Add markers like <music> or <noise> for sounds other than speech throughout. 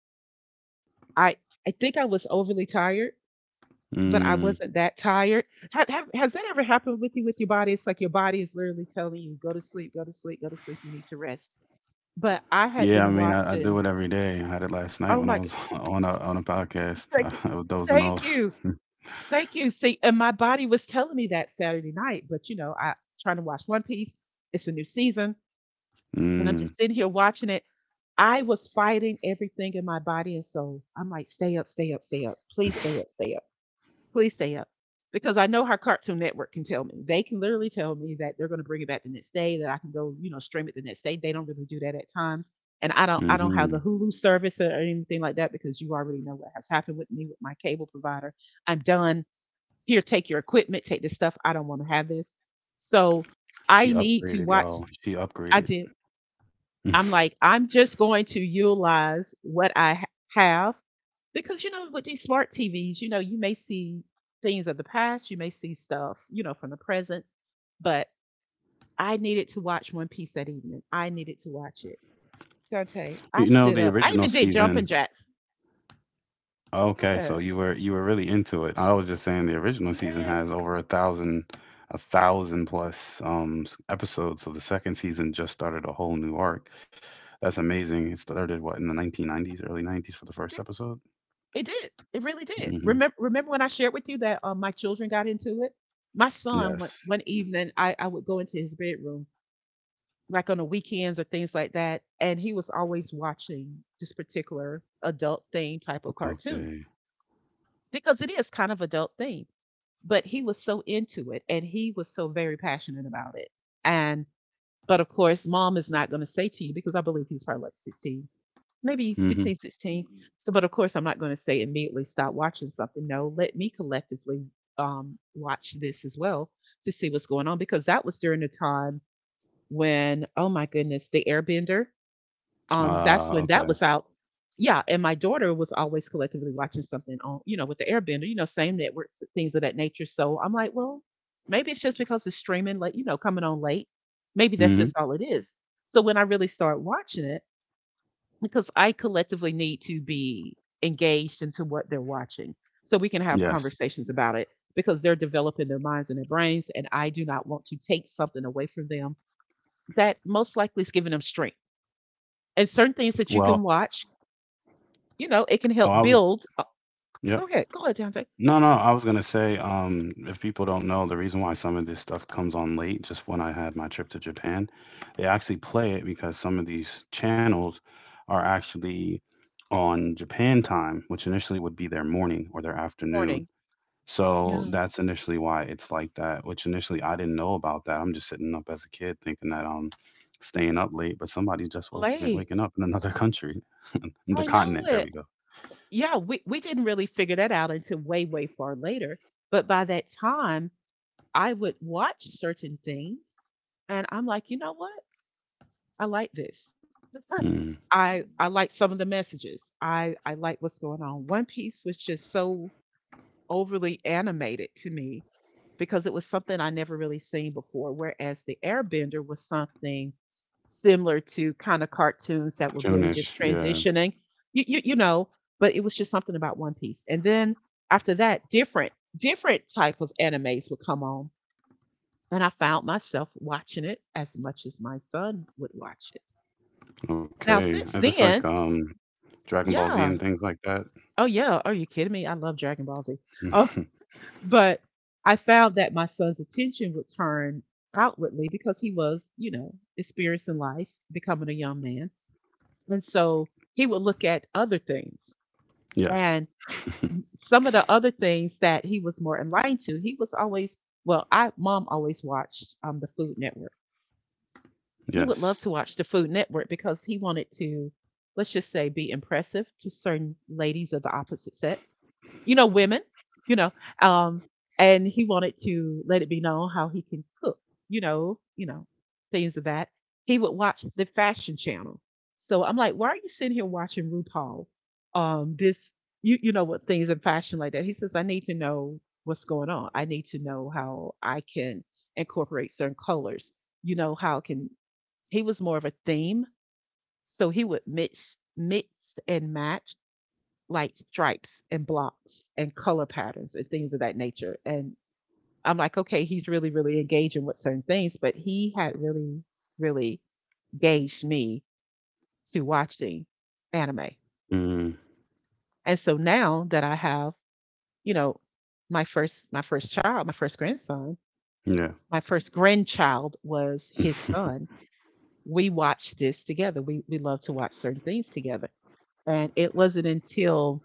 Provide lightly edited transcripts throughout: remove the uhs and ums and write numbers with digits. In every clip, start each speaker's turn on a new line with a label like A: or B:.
A: I I think I was overly tired, but I wasn't
B: Mm.
A: that tired. Ha have has that ever happened with you with your body? It's like your body is literally telling you, "Go to sleep, go to sleep, go to sleep, you need to rest." But I had
B: Yeah, I
A: been
B: mean, I do
A: watching.
B: it every day. I had it last night
A: Oh
B: when
A: my
B: I
A: g
B: was <laughs> on a podcast.
A: Thank you.
B: <laughs> I was dozing
A: Thank
B: off.
A: you.
B: <laughs>
A: Thank you. See, and my body was telling me that Saturday night, but, you know, I trying to watch One Piece. It's a new season, and I'm just
B: Mm.
A: sitting here watching it. I was fighting everything in my body and soul. I'm like, "Stay up, stay up, stay up. Please stay up, stay up, please stay up, because I know how Cartoon Network can tell me. They can literally tell me that they're going to bring it back the next day, that I can go, you know, stream it the next day. They don't really do that at times, and I don't have the
B: Hmm.
A: Hulu service or anything like that because you already know what has happened with me with my cable provider. I'm done. Here, take your equipment, take this stuff. I don't want to have this. So I
B: She
A: need to
B: upgraded,
A: watch.
B: y'all. She
A: I
B: upgraded.
A: did. I'm
B: <laughs>
A: like, I'm just going to utilize what have because, you know, with these smart TVs, you know, you may see things of the past, you may see stuff, you know, from the present, but I needed to watch One Piece that evening. I needed to watch it. Dante, I
B: You know,
A: stood
B: the
A: up. I even
B: original
A: did jumping
B: season.
A: jacks. Go
B: Okay,
A: ahead.
B: so you were really into it. I was just saying the original season
A: Yes, it
B: has over a thousand plus episodes. So the second season just started a whole new arc. That's amazing. It started what in the 1990s, early 90s for the first
A: did.
B: episode.
A: It did. It really did.
B: Hmm.
A: Remember when I shared with you that my children got into it? My son, one,
B: Yes.
A: one evening, I would go into his bedroom like on the weekends or things like that. And he was always watching this particular adult theme type of cartoon
B: Okay.
A: because it is kind of adult theme. But he was so into it and he was so very passionate about it. And but of course, mom is not going to say to you because I believe he's probably like 16, maybe
B: Mm-hmm.
A: 15, 16. So, but of course, I'm not going to say immediately stop watching something. No, let me collectively watch this as well to see what's going on because that was during the time when, oh my goodness, the Airbender, that's when that
B: Okay.
A: was out. Yeah, and my daughter was always collectively watching something on, you know, with the Airbender, you know, same networks, things of that nature. So I'm like, well, maybe it's just because it's streaming, like you know, coming on late. Maybe that's
B: Mm-hmm.
A: just all it is. So when I really start watching it, because I collectively need to be engaged into what they're watching, so we can have
B: Yes.
A: conversations about it because they're developing their minds and their brains, and I do not want to take something away from them that most likely is giving them strength. And certain things that you
B: Well,
A: can watch, you know, it can
B: oh, I
A: help
B: was,
A: build
B: yep.
A: go ahead. Go ahead, Dante.
B: No, no, I was gonna say, if people don't know, the reason why some of this stuff comes on late, just when I had my trip to Japan, they actually play it because some of these channels are actually on Japan time, which initially would be their morning or their afternoon.
A: Morning.
B: So
A: Yeah.
B: that's initially why it's like that, which initially I didn't know about that. I'm just sitting up as a kid thinking that I'm staying up late, but somebody's just waking
A: Late.
B: up in another <laughs> country. The
A: I
B: continent.
A: know
B: There we
A: it.
B: go.
A: Yeah, we didn't really figure that out until way far later. But by that time, I would watch certain things and I'm like, you know what? I like this. <laughs>
B: Mm.
A: I like some of the messages. I like what's going on. One Piece was just so overly animated to me because it was something I never really seen before. Whereas the Airbender was something similar to kind of cartoons that were really
B: June-ish.
A: just
B: Yeah.
A: transitioning, you know. But it was just something about One Piece. And then after that, different type of animes would come on, and I found myself watching it as much as my son would watch it. Now
B: Okay. I
A: since
B: just like
A: then,
B: Dragon Ball Z and
A: yeah,
B: things like that.
A: oh yeah, are you kidding me? I love Dragon Ball Z. Oh,
B: <laughs>
A: but I found that my son's attention would turn outwardly because he was, you know, experiencing life, becoming a young man. And so he would look at other things.
B: Yes.
A: And
B: <laughs>
A: some of the other things that he was more enlightened to, he was always, well, I mom always watched the Food Network. He would
B: Yes.
A: love to watch the Food Network because he wanted to, let's just say, be impressive to certain ladies of the opposite sex, you know, women, you know, um, and he wanted to let it be known how he can cook, you know, things of that. He would watch the fashion channel. So I'm like, why are you sitting here watching RuPaul? Um, this, you know, what things in fashion like that. He says, I need to know what's going on. I need to know how I can incorporate certain colors. You know, how can, he was more of a theme. So he would mix and match like stripes and blocks and color patterns and things of that nature. And I'm like, okay, he's really engaging with certain things, but he had really gauged me to watching anime.
B: Mm.
A: And so now that I have, you know, my first child, my first grandson,
B: Yeah.
A: my first grandchild was his son. We watched this together. We love to watch certain things together. And it wasn't until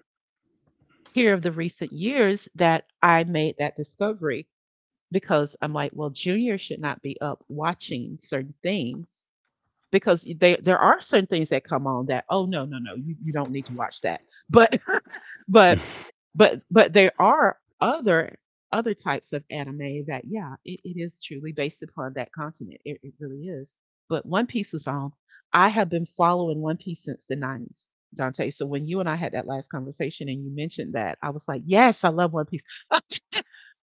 A: here of the recent years that I made that discovery because I'm like, well, juniors should not be up watching certain things because they, there are certain things that come on that oh no, you don't need to watch that <laughs> but but
B: <laughs>
A: but but there are other types of anime that yeah, it is truly based upon that continent, it really is. But One Piece is on. I have been following One Piece since the 90s, Dante. So when you and I had that last conversation and you mentioned that, I was like, yes, I love One Piece. <laughs>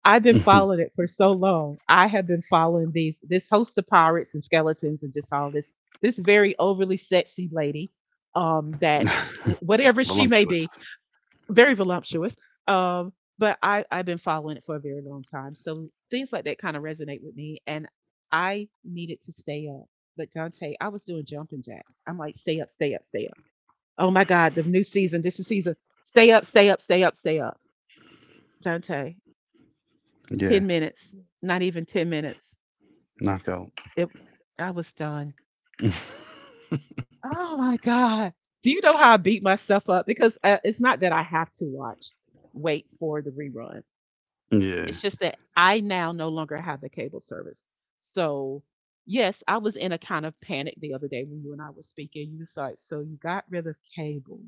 A: I've been following it for so long. I have been following these this host of pirates and skeletons and just all this, this very overly sexy lady, that whatever she may
B: Voluptuous.
A: be, very voluptuous. Um, but I've been following it for a very long time, so things like that kind of resonate with me, and I needed to stay up. But Dante, I was doing jumping jacks. I'm like, stay up, stay up, stay up. Oh my God, the new season. This is season. Stay up, stay up, stay up, stay up. Dante,
B: Yeah.
A: 10 minutes, not even 10 minutes.
B: Knockout.
A: It, I was done.
B: <laughs>
A: Oh my God. Do you know how I beat myself up? Because it's not that I have to watch, wait for the rerun.
B: Yeah.
A: It's just that I now no longer have the cable service. So, yes, I was in a kind of panic the other day when you and I were speaking. You was like, so you got rid of cable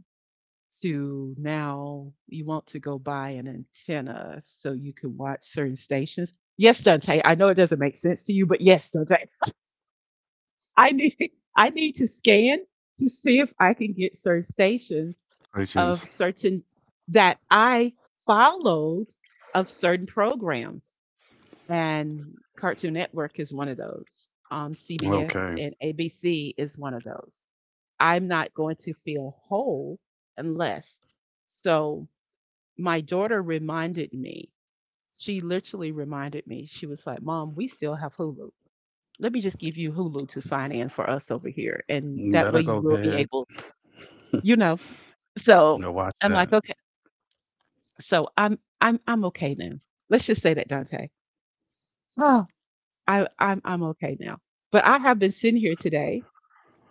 A: to now you want to go buy an antenna so you can watch certain stations. Yes, Dante, I know it doesn't make sense to you, but yes, Dante. I need <laughs> I need to scan to see if I can get certain stations
B: Questions.
A: of certain that I followed of certain programs. And Cartoon Network is one of those. CBS
B: Okay.
A: and ABC is one of those. I'm not going to feel whole unless. So my daughter reminded me. She literally reminded me. She was like, "Mom, we still have Hulu, let me just give you Hulu to sign in for us over here. And that
B: Better
A: way you
B: go
A: will be
B: ahead.
A: able,
B: <laughs>
A: you know."
B: Now
A: So
B: watch
A: I'm
B: that.
A: like, okay. So I'm okay now. Let's just say that, Dante. Oh, I'm okay now. But I have been sitting here today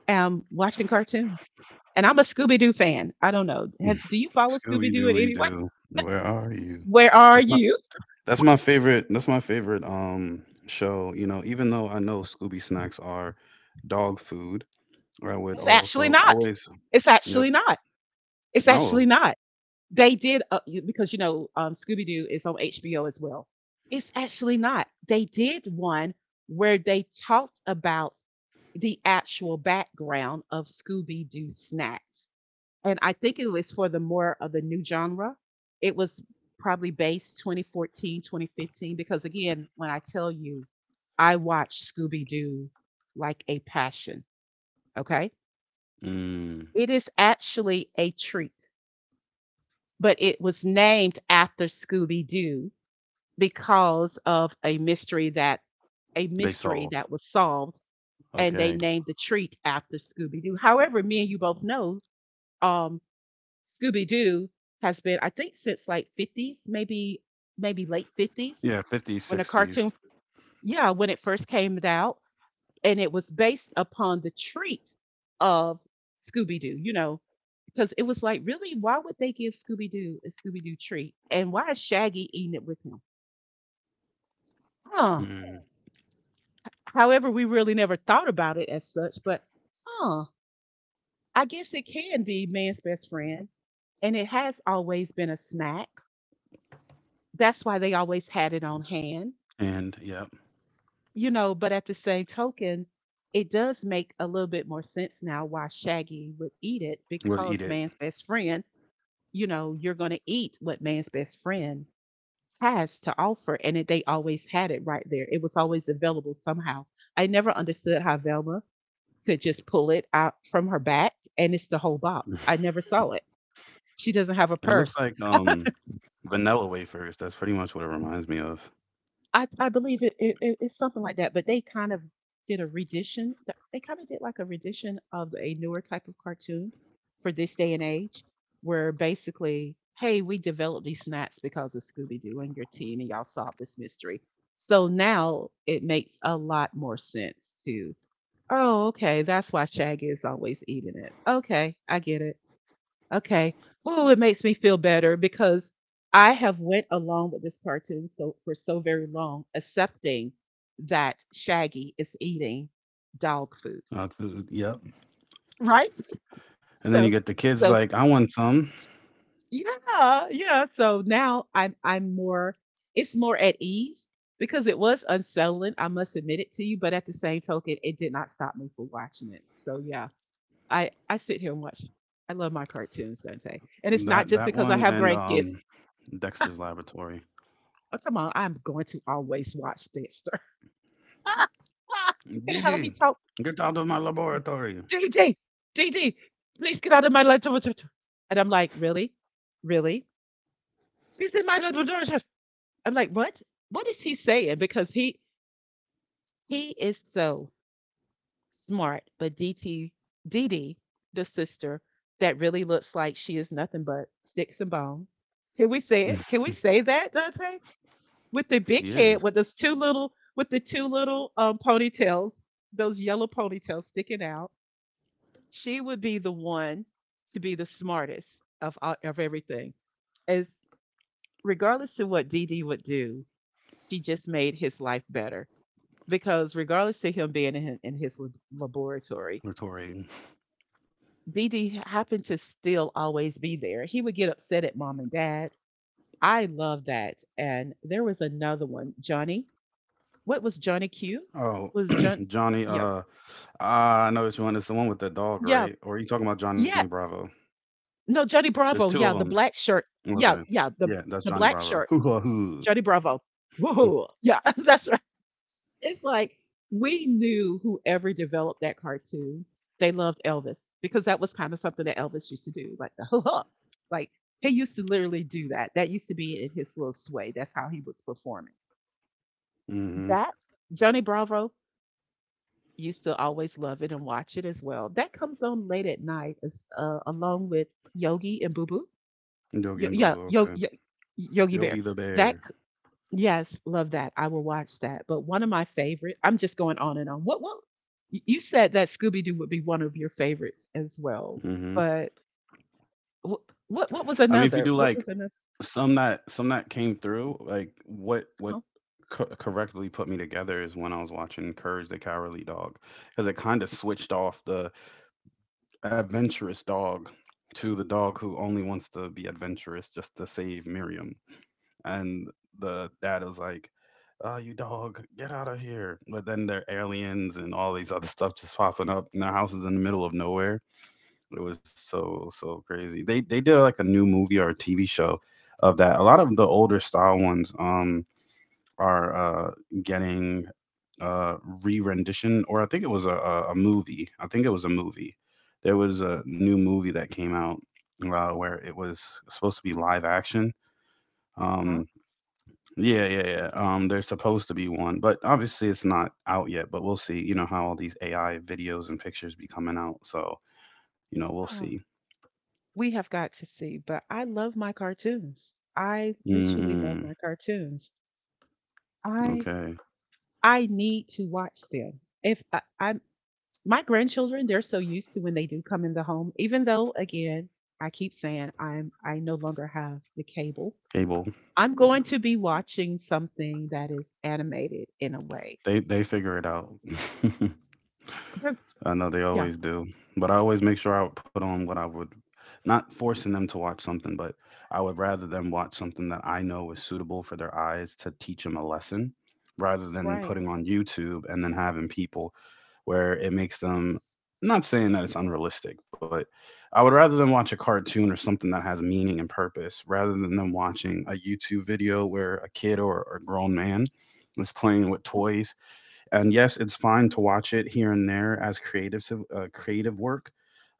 A: watching cartoons. And I'm a Scooby Doo fan. I don't know. Have,
B: <laughs>
A: do you follow Scooby
B: Scooby
A: Doo in
B: Dooby
A: any way?
B: Doo. Where are you?
A: Where are
B: That's my
A: you?
B: That's my favorite. That's my favorite show. You know, even though I know Scooby snacks are dog food, I would
A: It's
B: also
A: actually not.
B: always.
A: It's
B: Yep.
A: actually not. It's
B: Oh.
A: actually not. They did because you know Scooby Doo is on HBO as well. It's actually not. They did one where they talked about the actual background of Scooby Doo snacks, and I think it was for the more of the new genre. It was probably based 2014, 2015 because again, when I tell you, I watch Scooby Doo like a passion. Okay,
B: Mm,
A: it is actually a treat but it was named after Scooby Doo because of a mystery that
B: they solved.
A: was solved and they
B: Okay.
A: named the treat after Scooby Doo. However, me and you both know um Scooby Doo has been, I think, since like 50s, maybe late 50s
B: Yeah. Fifties,
A: when the cartoon,
B: sixties.
A: yeah, when it first came out. And it was based upon the treat of Scooby Doo, you know, because it was like, really, why would they give Scooby Doo a Scooby Doo treat, and why is Shaggy eating it with him? Huh.
B: Mm,
A: However, we really never thought about it as such, but huh, I guess it can be man's best friend. And it has always been a snack. That's why they always had it on hand,
B: and yep,
A: But at the same token, it does make a little bit more sense now why Shaggy would eat it
B: we'll eat
A: because
B: it.
A: man's best friend, you know, you're going to eat what man's best friend has to offer. And they always had it right there. It was always available somehow. I never understood how Velma could just pull it out from her back and it's the whole box. I
B: <laughs>
A: never saw it. She doesn't have a
B: It looks
A: purse.
B: like vanilla wafers. That's pretty much what it reminds me of.
A: I believe it's something like that, but they kind of did a rendition. They kind of did like a rendition of a newer type of cartoon for this day and age, where basically, hey, we developed these snacks because of Scooby Doo and your team, and y'all solved this mystery. So now it makes a lot more sense to, oh, okay, that's why Shaggy is always eating it. Okay, I get it. Okay. Oh, it makes me feel better because I have went along with this cartoon so for so very long, accepting that Shaggy is eating dog food,
B: Food. Yep.
A: right?
B: And then you
A: So,
B: get the kids
A: so
B: like, I want some.
A: yeah, yeah. So now it's more at ease because it was unsettling. I must admit it to you, but at the same token, it did not stop me from watching it. So yeah, I sit here and watch. I love my cartoons, Dante, and it's not
B: That
A: just
B: that
A: because I
B: one
A: have
B: and
A: grandkids.
B: Dexter's Laboratory.
A: Oh, come on. I'm going to always watch Dexter. <laughs> And how he
B: DD,
A: talks.
B: get out of my laboratory.
A: D D. D D, please get out of my little. And I'm like, really? Really? She's in my little. I'm like, what? What is he saying? Because he is so smart, but D T D D, the sister, that really looks like she is nothing but sticks and bones. Can we say it?
B: <laughs>
A: Can we say that, Dante? With the
B: She
A: big head
B: is
A: with those two little with the two little ponytails, those yellow ponytails sticking out. She would be the one to be the smartest of of everything. As, regardless of what Dee Dee would do, she just made his life better because regardless of him being in his laboratory,
B: retorting.
A: Dee Dee happened to still always be there. He would get upset at mom and dad. I love that. And there was another one, Johnny. What was Johnny Q?
B: Oh,
A: Was
B: <clears throat>
A: John?
B: Johnny,
A: Yes.
B: uh, I know what you want. It's the one with the dog,
A: Yeah.
B: right? Or are you talking about Johnny
A: Yeah.
B: Bravo?
A: No, Johnny
B: There's two
A: Bravo.
B: of
A: Yeah,
B: them.
A: the black shirt.
B: Okay.
A: Yeah. Yeah.
B: Yeah, that's
A: The
B: Johnny
A: black
B: Bravo.
A: shirt.
B: Hoo ha hoo.
A: Johnny Bravo. Whoa. Yeah. <laughs> That's right. It's like we knew whoever developed that cartoon, they loved Elvis because that was kind of something that Elvis used to do, like the <laughs> ho ho. Like he used to literally do that. That used to be in his little sway. That's how he was performing.
B: Mm-hmm.
A: That Johnny Bravo, you still always love it and watch it as well. That comes on late at night, as, along with Yogi and Boo Boo.
B: Yogi
A: Yo,
B: and Boo
A: yeah,
B: Boo.
A: yo,
B: Okay.
A: yo, Yogi
B: Yogi
A: Bear.
B: the
A: That
B: bear.
A: c- yes, love that. I will watch that. But one of my favorite. I'm just going on and on. What what? You said that Scooby Doo would be one of your favorites as well.
B: Mm-hmm.
A: But what
B: I
A: was
B: mean, if you do
A: another?
B: like
A: What was another?
B: some that came through, like what
A: Uh-huh.
B: correctly put me together is when I was watching Courage the Cowardly Dog, because it kind of switched off the adventurous dog to the dog who only wants to be adventurous just to save Miriam. And the dad is like, "Oh, you dog, get out of here." But then there are aliens and all these other stuff just popping up. And their house is in the middle of nowhere. It was so, so crazy. They did like a new movie or a TV show of that. A lot of the older style ones, are getting uh, re-rendition, or I think it was a movie. I think it was a movie. There was a new movie that came out where it was supposed to be live action. Um, yeah. There's supposed to be one, but obviously it's not out yet. But we'll see. You know how all these AI videos and pictures be coming out, so you know we'll
A: Ah,
B: see.
A: we have got to see. But I love my cartoons. I literally love
B: Mm,
A: my cartoons. I
B: okay,
A: I need to watch them. If I, I My grandchildren, they're so used to when they do come in the home, even though again, I keep saying I no longer have the cable.
B: cable.
A: I'm going to be watching something that is animated in a way.
B: They figure it out. <laughs>
A: They're,
B: I know they
A: yeah,
B: always do, but I always make sure I would put on what I would, not forcing them to watch something, but I would rather them watch something that I know is suitable for their eyes to teach them a lesson, rather
A: you're
B: than
A: right.
B: putting on YouTube and then having people where it makes them. Not saying that it's unrealistic, but I would rather them watch a cartoon or something that has meaning and purpose, rather than them watching a YouTube video where a kid or a grown man is playing with toys and yes, it's fine to watch it here and there as creative creative work.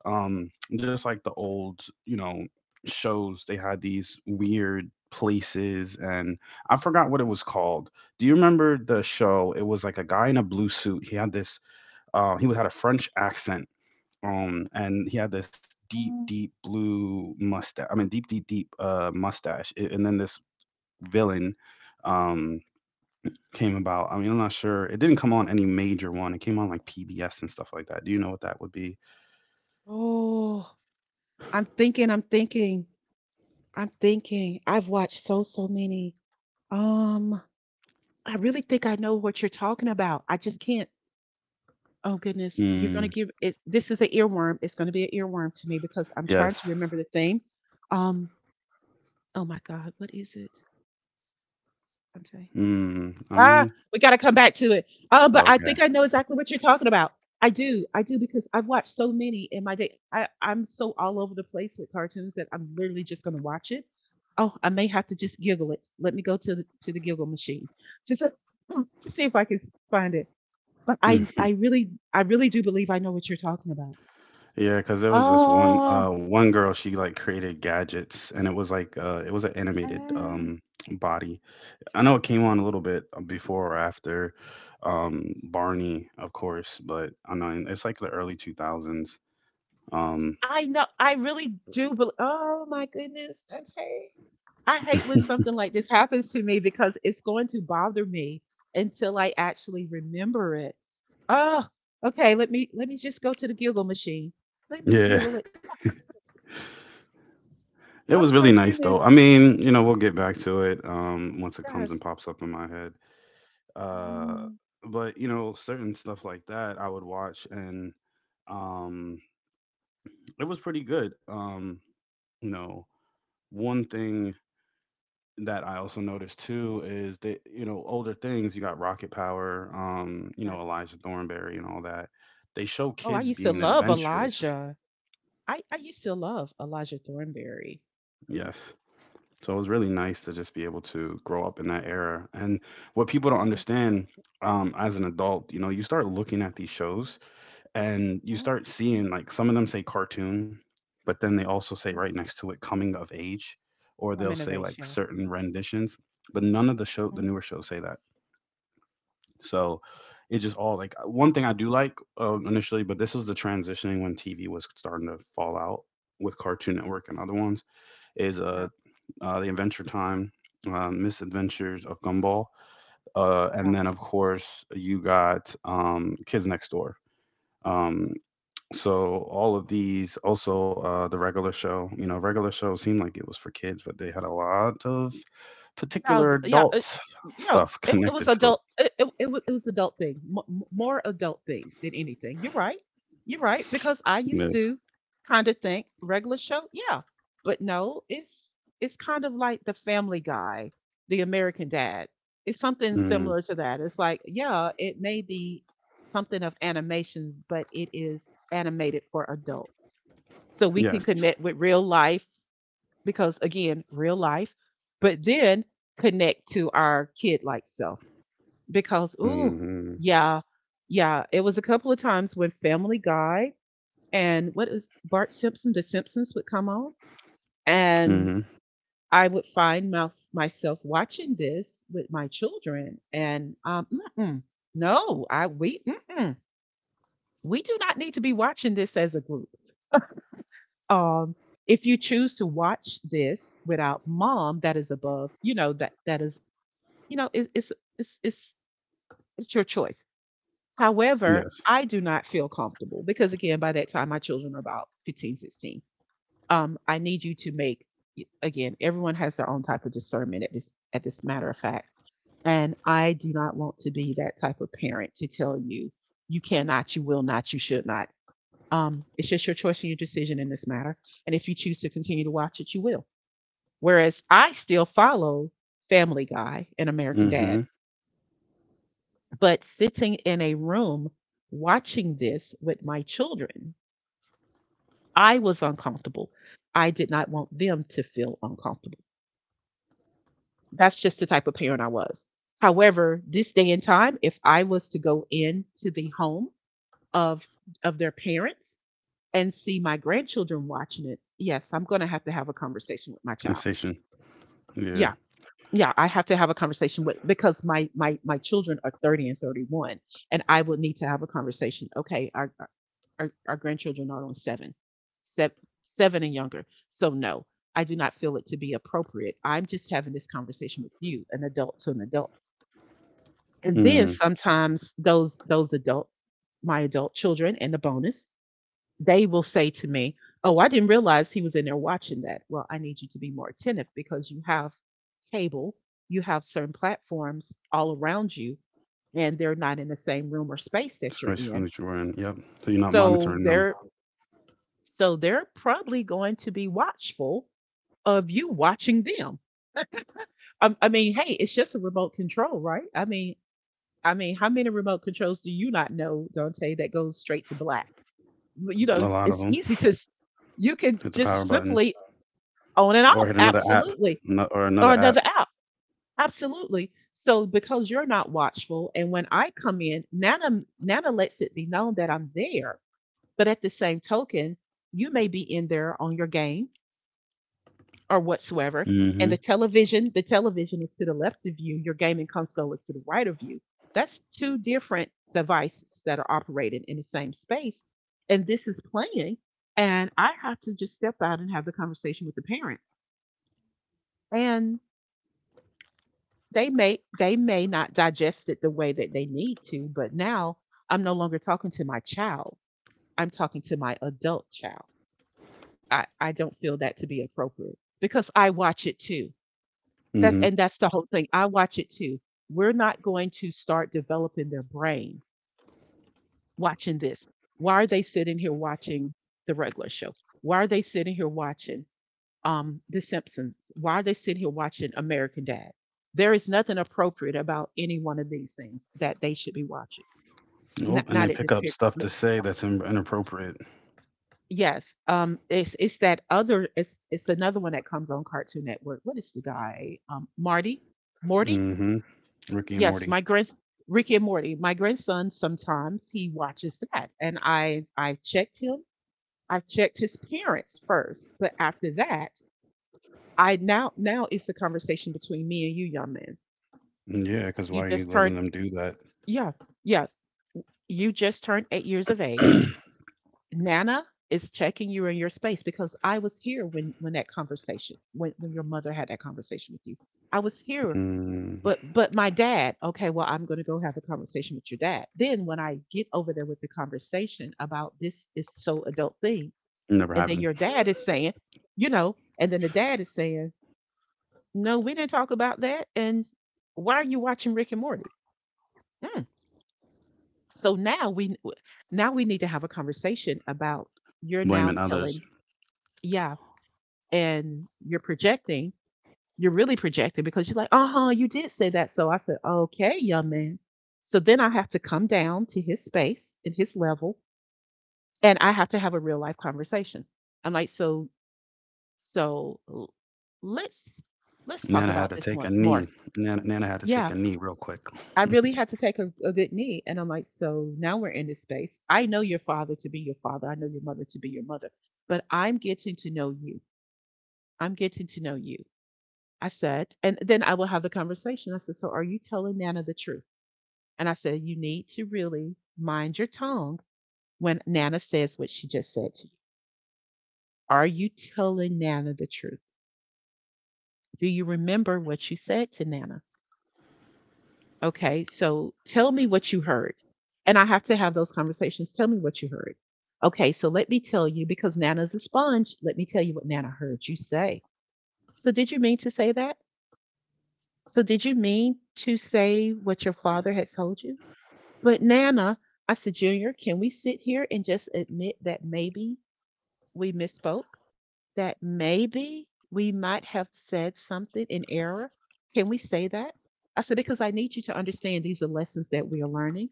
B: Um, just like the old, you know, shows, they had these weird places, and I forgot what it was called. Do you remember the show? It was like a guy in a blue suit. He had this. He had a French accent. And he had this deep,
A: Mhm.
B: deep blue mustache. I mean, deep, deep, deep mustache. And then this villain. Um, Came about. I mean, I'm not sure. It didn't come on any major one. It came on like PBS and stuff like that. Do you know what that would be?
A: Oh, I'm thinking, I'm thinking, I'm thinking. I've watched so so many. Um, I really think I know what you're talking about. I just can't. Oh goodness, you're gonna
B: Mm,
A: give it. This is an earworm. It's gonna be an earworm to me because I'm trying
B: yes.
A: to remember the theme. Um, oh my God, what is it? I'm telling.
B: Mm, I
A: Ah,
B: mean,
A: we gotta come back to it. But I think I
B: okay.
A: know exactly what you're talking about. I do because I've watched so many in my day. I'm so all over the place with cartoons that I'm literally just gonna watch it. Oh, I may have to just giggle it. Let me go to the giggle machine just to, <clears throat> to see if I can find it. But
B: Mm. <laughs>
A: I really do believe I know what you're talking about.
B: Yeah, because there was this one
A: Oh,
B: uh one girl, she like created gadgets and it was like it was an animated
A: mm,
B: body. I know it came on a little bit before or after Barney, of course, but I know it's like the early 2000s. Um
A: I know I really do bel, oh my goodness, that's hate. I hate when something like this happens to me because it's going to bother me until I actually remember it. Oh, okay, let me just go to the Google machine. Let
B: <laughs>
A: me
B: yeah.
A: Google it.
B: It was
A: Oh
B: really
A: my
B: nice
A: goodness,
B: though. I mean, you know, we'll get back to it once it comes
A: yes.
B: and pops up in my head. Uh
A: Mm,
B: but you know, certain stuff like that I would watch and um it was pretty good. You know, one thing that I also noticed too is that you know, older things, you got Rocket Power, you know,
A: yes.
B: Elijah Thornberry and all that. They show
A: Oh, I
B: kids
A: used to
B: being
A: love
B: adventurous.
A: Elijah. I used to love Elijah Thornberry.
B: Yes. So it was really nice to just be able to grow up in that era. And what people don't
A: Yeah.
B: understand, as an adult, you know, you start looking at these shows and you
A: Mhm,
B: start seeing like some of them say cartoon, but then they also say
A: mhm.
B: right next to it coming of age, or
A: From
B: they'll say like
A: Innovation.
B: certain renditions, but none of the show, the
A: Yeah.
B: newer shows say that. So it just all like one thing I do like initially, but this was the transitioning when TV was starting to fall out with Cartoon Network and other ones is
A: Mhm,
B: The Adventure Time, Misadventures of Gumball,
A: yeah.
B: and then of course you got Kids Next Door. Um, so all of these, also the regular show. You know, regular show seemed like it was for kids, but they had a lot of
A: Now,
B: particular
A: yeah,
B: adult
A: yeah,
B: stuff <laughs>
A: it was
B: connected to it.
A: adult. It was, it was adult thing, more adult thing than anything. You're right. You're right because I used
B: Yes.
A: to kind of think regular show, yeah, but no, it's kind of like the Family Guy, the American Dad. It's something
B: Mm,
A: similar to that. It's like, yeah, it may be something of animation, but it is animated for adults, so we can
B: yes.
A: connect with real life because again, real life, but then connect to our kid like self because ooh,
B: Mm-hmm.
A: yeah, yeah, it was a couple of times when Family Guy and what is Bart Simpson, The Simpsons would come on,
B: Mm-hmm.
A: and I would find myself watching this with my children, and mm-mm, no, I we mm-mm, we do not need to be watching this as a group. Um, if you choose to watch this without mom, that is above, you know, that is, you know, it, it's it's it's your choice. However,
B: Yes.
A: I do not feel comfortable because again, by that time my children are about 15, 16. I need you to make, again, everyone has their own type of discernment at this matter of fact. And I do not want to be that type of parent to tell you you cannot, you will not, you should not. It's just your choice and your decision in this matter. And if you choose to continue to watch it, you will. Whereas I still follow Family Guy and American Dad.
B: Mm-hmm.
A: But sitting in a room watching this with my children, I was uncomfortable. I did not want them to feel uncomfortable. That's just the type of parent I was. However, this day and time, if I was to go into the home of their parents and see my grandchildren watching it, yes, I'm going to have a conversation with my child.
B: Sensation. Yeah.
A: Yeah. Yeah, I have to have a conversation with because my children are 30 and 31 and I would need to have a conversation. Okay, are our grandchildren are on seven, seven, seven and younger. So no, I do not feel it to be appropriate. I'm just having this conversation with you, an adult to an adult. And then
B: Mm.
A: sometimes those adults, my adult children and the bonus, they will say to me, "Oh, I didn't realize he was in there watching that." Well, I need you to be more attentive because you have cable, you have certain platforms all around you, and they're not in the same room or space that you're
B: Space
A: in.
B: Family Jordan. Yep. So you're not
A: So
B: monitoring them.
A: they're, probably going to be watchful of you watching them. I mean, hey, it's just a remote control, right? I mean, how many remote controls do you not know, Dante, that goes straight to black? You know,
B: A lot of
A: it's
B: them.
A: easy to, you can
B: Hit the power
A: just
B: button
A: simply on and
B: or
A: off,
B: hit another app
A: absolutely,
B: or
A: or
B: another
A: another
B: app.
A: app, absolutely. So because you're not watchful, and when I come in, Nana Nana lets it be known that I'm there, but at the same token, you may be in there on your game or whatsoever. And
B: Hmm.
A: the television is to the left of you, your gaming console is to the right of you. That's two different devices that are operated in the same space. And this is playing. And I have to just step out and have the conversation with the parents. And they may not digest it the way that they need to, but now I'm no longer talking to my child. I'm talking to my adult child. I don't feel that to be appropriate because I watch it too. That's
B: Hmm.
A: and that's the whole thing. I watch it too. We're not going to start developing their brain watching this. Why are they sitting here watching the regular show? Why are they sitting here watching The Simpsons? Why are they sitting here watching American Dad? There is nothing appropriate about any one of these things that they should be watching.
B: Oh,
A: Not
B: and
A: not
B: they
A: at this
B: pick up
A: period.
B: stuff to say that's inappropriate.
A: Yes. It's another one that comes on Cartoon Network. What is the guy? Marty? Morty?
B: Hmm. Ricky and
A: Yes,
B: Morty.
A: my grand Ricky and Morty. My grandson sometimes he watches that, and I've checked him. I've checked his parents first, but after that, I now now it's a conversation between me and you, young man.
B: Yeah, because why
A: You
B: are you
A: just
B: letting
A: turned.
B: them do that?
A: Yeah, yeah. You just turned 8 years of age. Nana is checking you in your space because I was here when your mother had that conversation with you. I was here.
B: Mm,
A: But my dad, okay, well, I'm gonna go have a conversation with your dad. Then when I get over there with the conversation about this is so adult thing,
B: never
A: and then
B: happened.
A: your dad is saying, and then the dad is saying, no, we didn't talk about that. And why are you watching Rick and Morty? Mm. So now we need to have a conversation about you're now
B: Blaming others.
A: telling, yeah, and you're really projecting because you're like, uh huh, you did say that. So I said, okay, young man. So then I have to come down to his space and his level, and I have to have a real life conversation. I'm like, so let's let's talk
B: Nana had
A: about
B: to
A: this
B: take a
A: once more.
B: knee. Nana, had to
A: Yeah,
B: take a knee real quick.
A: I really
B: <laughs>
A: had to take a good knee, and I'm like, so now we're in this space. I know your father to be your father. I know your mother to be your mother, but I'm getting to know you. I'm getting to know you. I said, and then I will have the conversation. I said, so are you telling Nana the truth? And I said, you need to really mind your tongue when Nana says what she just said to you. Are you telling Nana the truth? Do you remember what you said to Nana? Okay, so tell me what you heard. And I have to have those conversations. Tell me what you heard. Okay, so let me tell you, because Nana's a sponge, let me tell you what Nana heard you say. So did you mean to say that? So did you mean to say what your father had told you? But Nana, I said, Junior, can we sit here and just admit that maybe we misspoke, that maybe we might have said something in error. Can we say that? I said, because I need you to understand these are lessons that we are learning,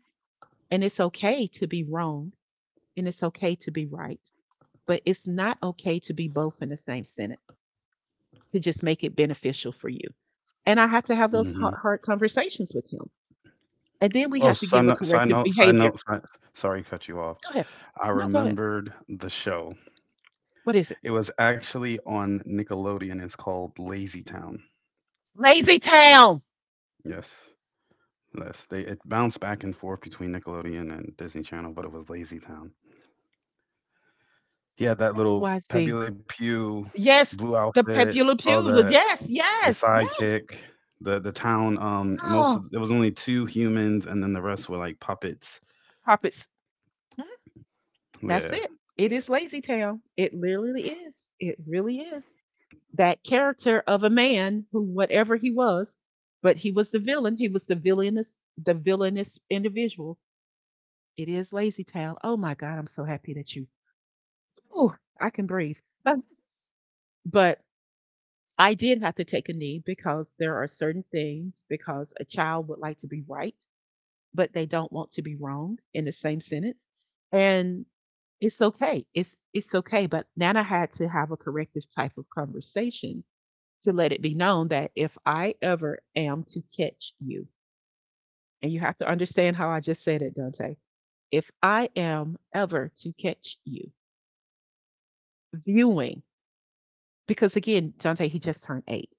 A: and it's okay to be wrong and it's okay to be right, but it's not okay to be both in the same sentence to just make it beneficial for you. And I had to have those hard,
B: Hmm.
A: hard conversations with him. And then we
B: Oh,
A: had to give a corrective
B: side
A: behavior.
B: note. Sorry, cut you off.
A: Go ahead.
B: I
A: No, go ahead.
B: remembered the show.
A: What is it?
B: It was actually on Nickelodeon. It's called Lazy Town.
A: Lazy town.
B: Yes. Yes, they it bounced back and forth between Nickelodeon and Disney Channel, but it was Lazy Town. He had that little Pepe
A: XYZ.
B: Le Pew
A: Yes,
B: blue
A: the
B: outfit,
A: pepular
B: all
A: pubes. Yes,
B: the
A: yes, yes.
B: sidekick, the town. Most
A: Oh,
B: of there was only two humans, and then the rest were like puppets.
A: puppets. Mhm. That's
B: Yeah,
A: it. It is Lazy Town. It literally is. It really is. That character of a man who, whatever he was, but he was the villain. He was the villainous individual. It is Lazy Town. Oh my God, I'm so happy that you. Oh, I can breathe. But, but, I did have to take a knee because there are certain things because a child would like to be right but they don't want to be wrong in the same sentence. And it's okay. It's okay. But Nana had to have a corrective type of conversation to let it be known that if I ever am to catch you, and you have to understand how I just said it, Dante. If I am ever to catch you viewing, because again, Dante, he just turned 8,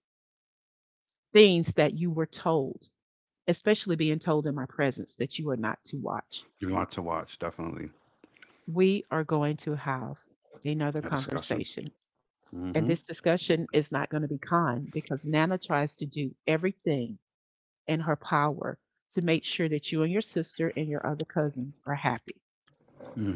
A: things that you were told, especially being told in my presence that you are not to watch,
B: you want to watch definitely
A: we are going to have another
B: a discussion.
A: conversation.
B: Mm-hmm.
A: And this discussion is not going to be kind because Nana tries to do everything in her power to make sure that you and your sister and your other cousins are happy.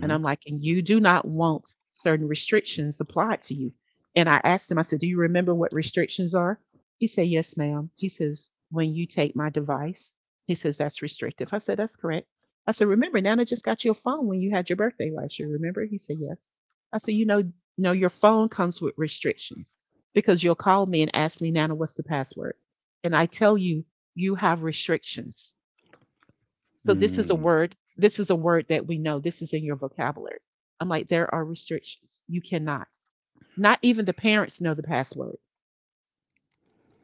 A: And I'm like, "And you do not want certain restrictions applied to you." And I asked him, I said, "Do you remember what restrictions are?" He said, "Yes, ma'am." He says, "When you take my device," he says, "that's restrictive." I said, "That's correct." I said, "Remember, Nana just got you a phone when you had your birthday last year, remember?" He said, "Yes." I said, "You know your phone comes with restrictions because you'll call me and ask me, Nana, what's the password?" And I tell you, you have restrictions. So this is a
B: Mm.
A: word, this is a word that we know, this is in your vocabulary. I'm like, there are restrictions. You cannot. Not even the parents know the password.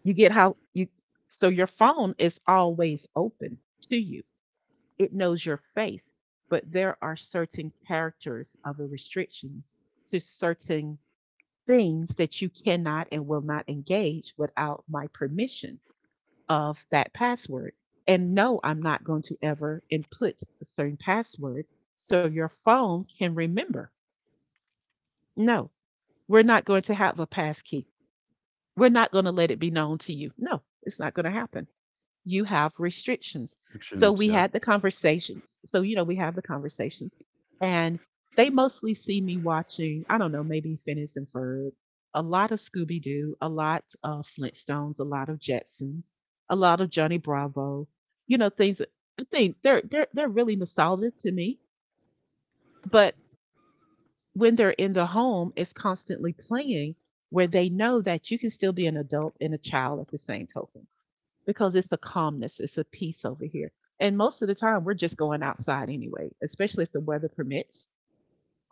A: You get how you, so your phone is always open to you, it knows your face, but there are certain characters of the restrictions to certain things that you cannot and will not engage without my permission of that password. And no, I'm not going to ever input a certain password so your phone can remember. No, we're not going to have a passkey. We're not going to let it be known to you. No, it's not going to happen. You have restrictions. So
B: Fictions.
A: we
B: Yep.
A: had the conversations. So, we have the conversations. And they mostly see me watching, I don't know, maybe Phineas and Ferb, a lot of Scooby Doo, a lot of Flintstones, a lot of Jetsons, a lot of Johnny Bravo, you know, things that- I think they're really nostalgic to me. But when they're in the home, it's constantly playing where they know that you can still be an adult and a child at the same token because it's a calmness, it's a peace over here. And most of the time, we're just going outside anyway, especially if the weather permits,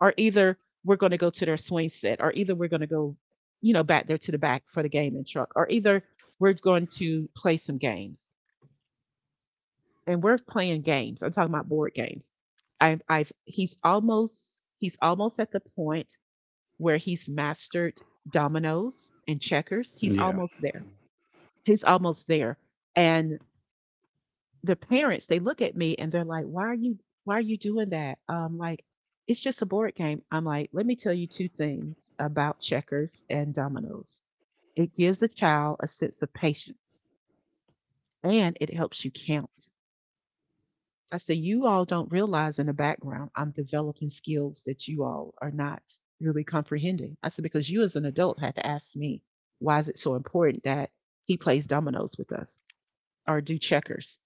A: or either we're going to go to their swing set, or either we're going to go, you know, back there to the back for the gaming truck, or either we're going to play some games. And we're playing games. I'm talking about board games. I've he's almost at the point where he's mastered dominoes and checkers. He's
B: Yeah.
A: almost there. He's almost there. And the parents, they look at me and they're like, "Why are you doing that?" Like it's just a board game. I'm like, "Let me tell you two things about checkers and dominoes. It gives a child a sense of patience and it helps you count." I say, "You all don't realize in the background I'm developing skills that you all are not really comprehending." I said because you as an adult had to ask me, "Why is it so important that he plays dominoes with us or do checkers?"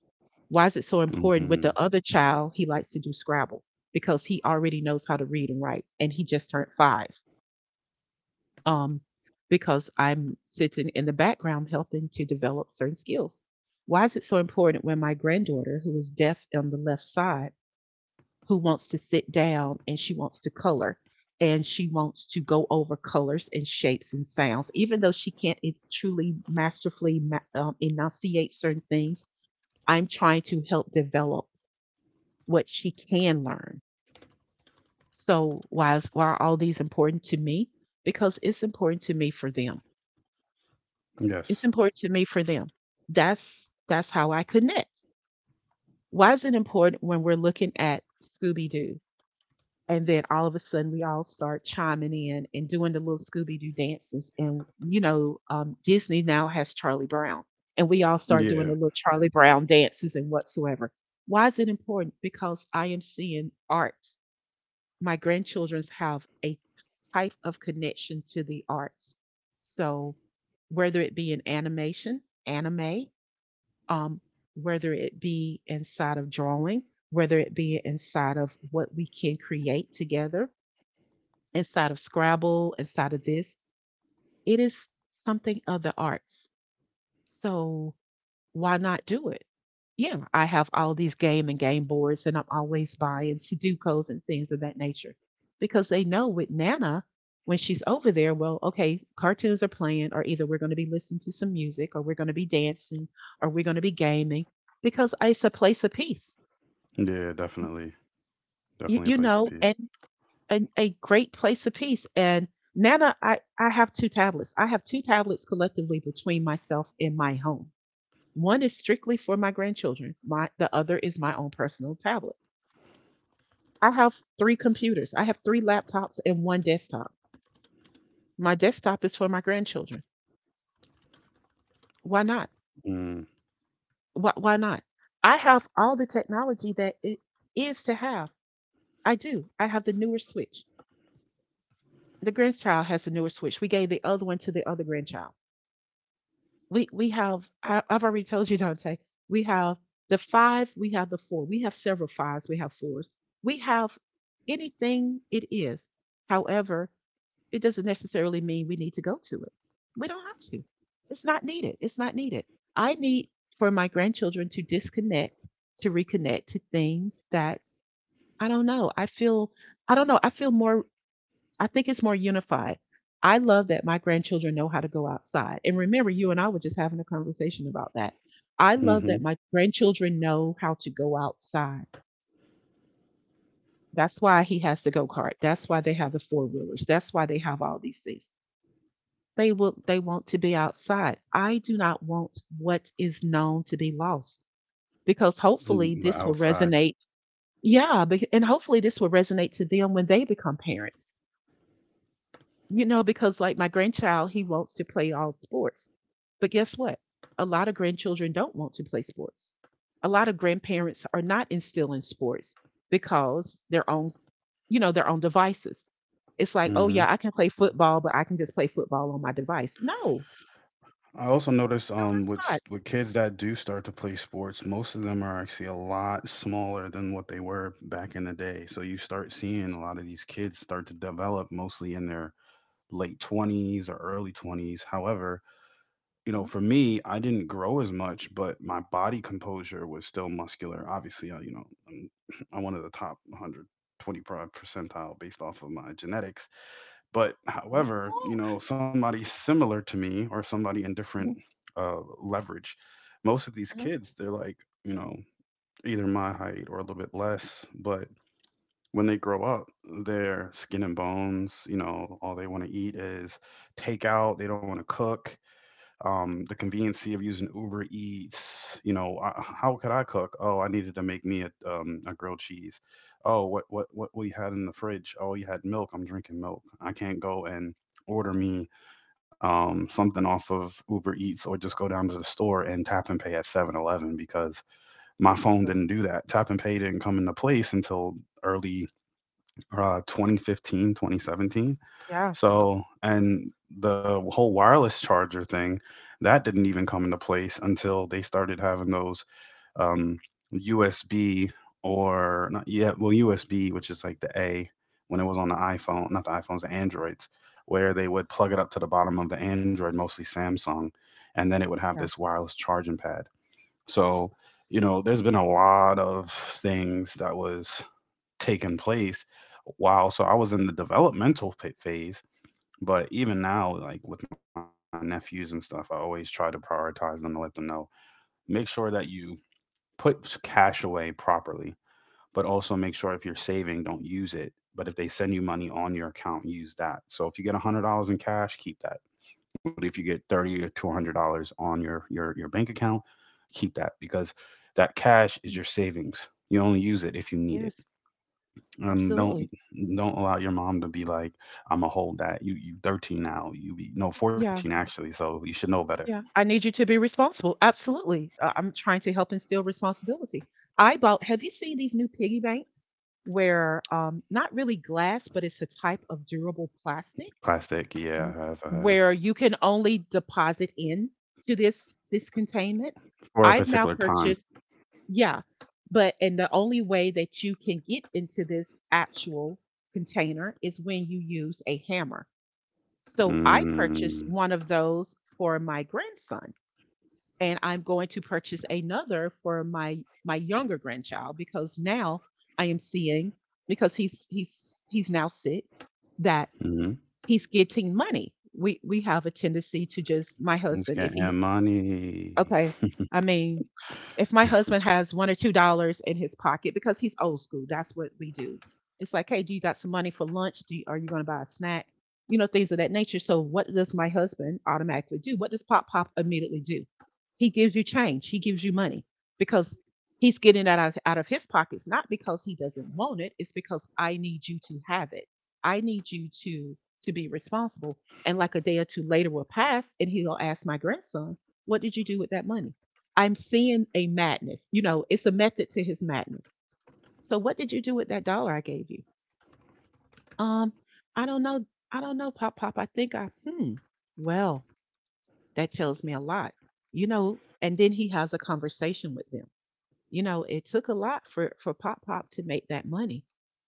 A: Why is it so important with
B: Mm-hmm.
A: the other child? He likes to do Scrabble because he already knows how to read and write, and he just turned 5. Um, because I'm sitting in the background helping to develop certain skills. Why is it so important when my granddaughter, who is deaf on the left side, who wants to sit down and she wants to color and she wants to go over colors and shapes and sounds, even though she can't truly masterfully enunciate certain things? I'm trying to help develop what she can learn. So why are all these important to me? Because it's important to me for them.
B: Yes.
A: It's important to me for them. That's how I connect. Why is it important when we're looking at Scooby Doo and then all of a sudden we all start chiming in and doing the little Scooby Doo dances and Disney now has Charlie Brown and we all start doing the
B: Yeah.
A: little Charlie Brown dances and whatsoever. Why is it important? Because I am seeing art. My grandchildren have a type of connection to the arts. So, whether it be in animation, anime, um, whether it be inside of drawing, whether it be inside of what we can create together, inside of Scrabble, inside of this, it is something of the arts. So, why not do it? Yeah, I have all these game and game boards, and I'm always buying Sudokus and things of that nature because they know with Nana, when she's over there, well, okay, cartoons are playing, or either we're going to be listening to some music, or we're going to be dancing, or we're going to be gaming because it's a place of peace,
B: Yeah. Definitely.
A: you,
B: Definitely
A: you
B: a place of
A: know, and,
B: peace.
A: and a great place of peace. And Nana, I have two tablets. I have two tablets collectively between myself and my home. One is strictly for my grandchildren. My the other is my own personal tablet. I have three computers. I have three laptops and one desktop. My desktop is for my grandchildren. Why not?
B: Mm.
A: Why not? I have all the technology that it is to have. I do. I have the newer Switch. The grandchild has the newer Switch. We gave the other one to the other grandchild. I've already told you, Dante. We have the five. We have the four. We have several fives. We have fours. We have anything it is. However, it doesn't necessarily mean we need to go to it. We don't have to. It's not needed. It's not needed. I need for my grandchildren to disconnect, to reconnect to things that I don't know. I feel I don't know. I feel more I think it's more unified. I love that my grandchildren know how to go outside. And remember, you and I were just having a conversation about that. I love that
B: Mm-hmm.
A: my grandchildren know how to go outside. That's why he has the go-kart. That's why they have the four-wheelers. That's why they have all these things. They want to be outside. I do not want what is known to be lost because
B: Mm,
A: hopefully
B: the
A: this will
B: outside.
A: resonate. Yeah, and hopefully this will resonate to them when they become parents. You know, because like my grandchild, he wants to play all sports. But guess what? A lot of grandchildren don't want to play sports. A lot of grandparents are not instilling sports because they're on their own devices. It's like, oh yeah,
B: Mhm.
A: I can play football, but I can just play football on my device. No, no,
B: I also notice
A: that's
B: with
A: not.
B: with kids that do start to play sports, most of them are actually a lot smaller than what they were back in the day. So you start seeing a lot of these kids start to develop mostly in their late 20s or early 20s. However, you know,
A: Mhm.
B: for me, I didn't grow as much, but my body composure was still muscular. Obviously, I, you know, I'm, <laughs> <clears throat> I'm one of the top 120 percentile based off of my genetics. But
A: Yeah.
B: however,
A: Oh,
B: somebody similar to me or somebody in different
A: mhm,
B: leverage, most of these
A: mhm.
B: kids, they're like, you know, either my height or a little bit less. But when they grow up, they're skin and bones. All they want to eat is takeout. They don't want to cook the conveniency of using Uber Eats. How could I cook? Oh, I needed to make me a grilled cheese. Oh, what we had in the fridge? Oh, you had milk. I'm drinking milk. I can't go and order me something off of Uber Eats, or just go down to the store and tap and pay at 7-Eleven because my phone didn't
A: Absolutely.
B: do that. Tap and pay didn't come into place until early 2015, 2017.
A: Yeah,
B: And the whole wireless charger thing, that didn't even come into place until they started having those um, USB, or not yet, well, USB, which is like the A when it was on the iPhone, not the iPhones, the Androids, where they would plug it up to the bottom of the Android, mostly Samsung, and then it would have this
A: yeah.
B: wireless charging pad. So, there's been a lot of things that was taking place. Wow. So I was in the developmental phase, but even now, like with my nephews and stuff, I always try to prioritize them to let them know. Make sure that you put cash away properly, but also make sure if you're saving, don't use it. But if they send you money on your account, use that. So if you get $100 in cash, keep that. But if you get $30 or $200 on your bank account, keep that, because that cash is
A: Mm,
B: your savings. You only use it if you need it,
A: yes,
B: and don't
A: absolutely.
B: don't allow your mom to be like, I'm gonna hold that. You 13 now, you be, no, 14,
A: Yeah.
B: actually, so you should know better.
A: Yeah, I need you to be responsible. Absolutely. I'm trying to help instill responsibility. I bought, have you seen these new piggy banks where not really glass, but it's a type of durable plastic
B: Plastic, yeah,
A: w-
B: I have, I have.
A: where you can only deposit in to this containment?
B: For a
A: I've
B: particular
A: now
B: time.
A: purchased, yeah, but and the only way that you can get into this actual container is when you use a hammer. So I purchased
B: Mm.
A: one of those for my grandson, and I'm going to purchase another for my younger grandchild because now I am seeing because he's now 6 that
B: Mm-hmm.
A: he's getting money. We have a tendency to, just my
B: It's
A: husband, if he
B: getting money.
A: okay. I mean, if my husband has $1 or $2 in his pocket because he's old school, that's what we do. It's like, hey, do you got some money for lunch? Do you, are you going to buy a snack? You know, things of that nature. So, what does my husband automatically do? What does Pop Pop immediately do? He gives you change. He gives you money because he's getting that out of his pockets, not because he doesn't want it. It's because I need you to have it. I need you to be responsible. And like a day or two later will pass, and he'll ask my grandson, what did you do with that money? I'm seeing a madness. You know, it's a method to his madness. So what did you do with that dollar I gave you? Um, I don't know. I don't know, Pop Pop. I think I, well, that tells me a lot. You know, and then he has a conversation with them. You know, it took a lot for Pop Pop to make that money.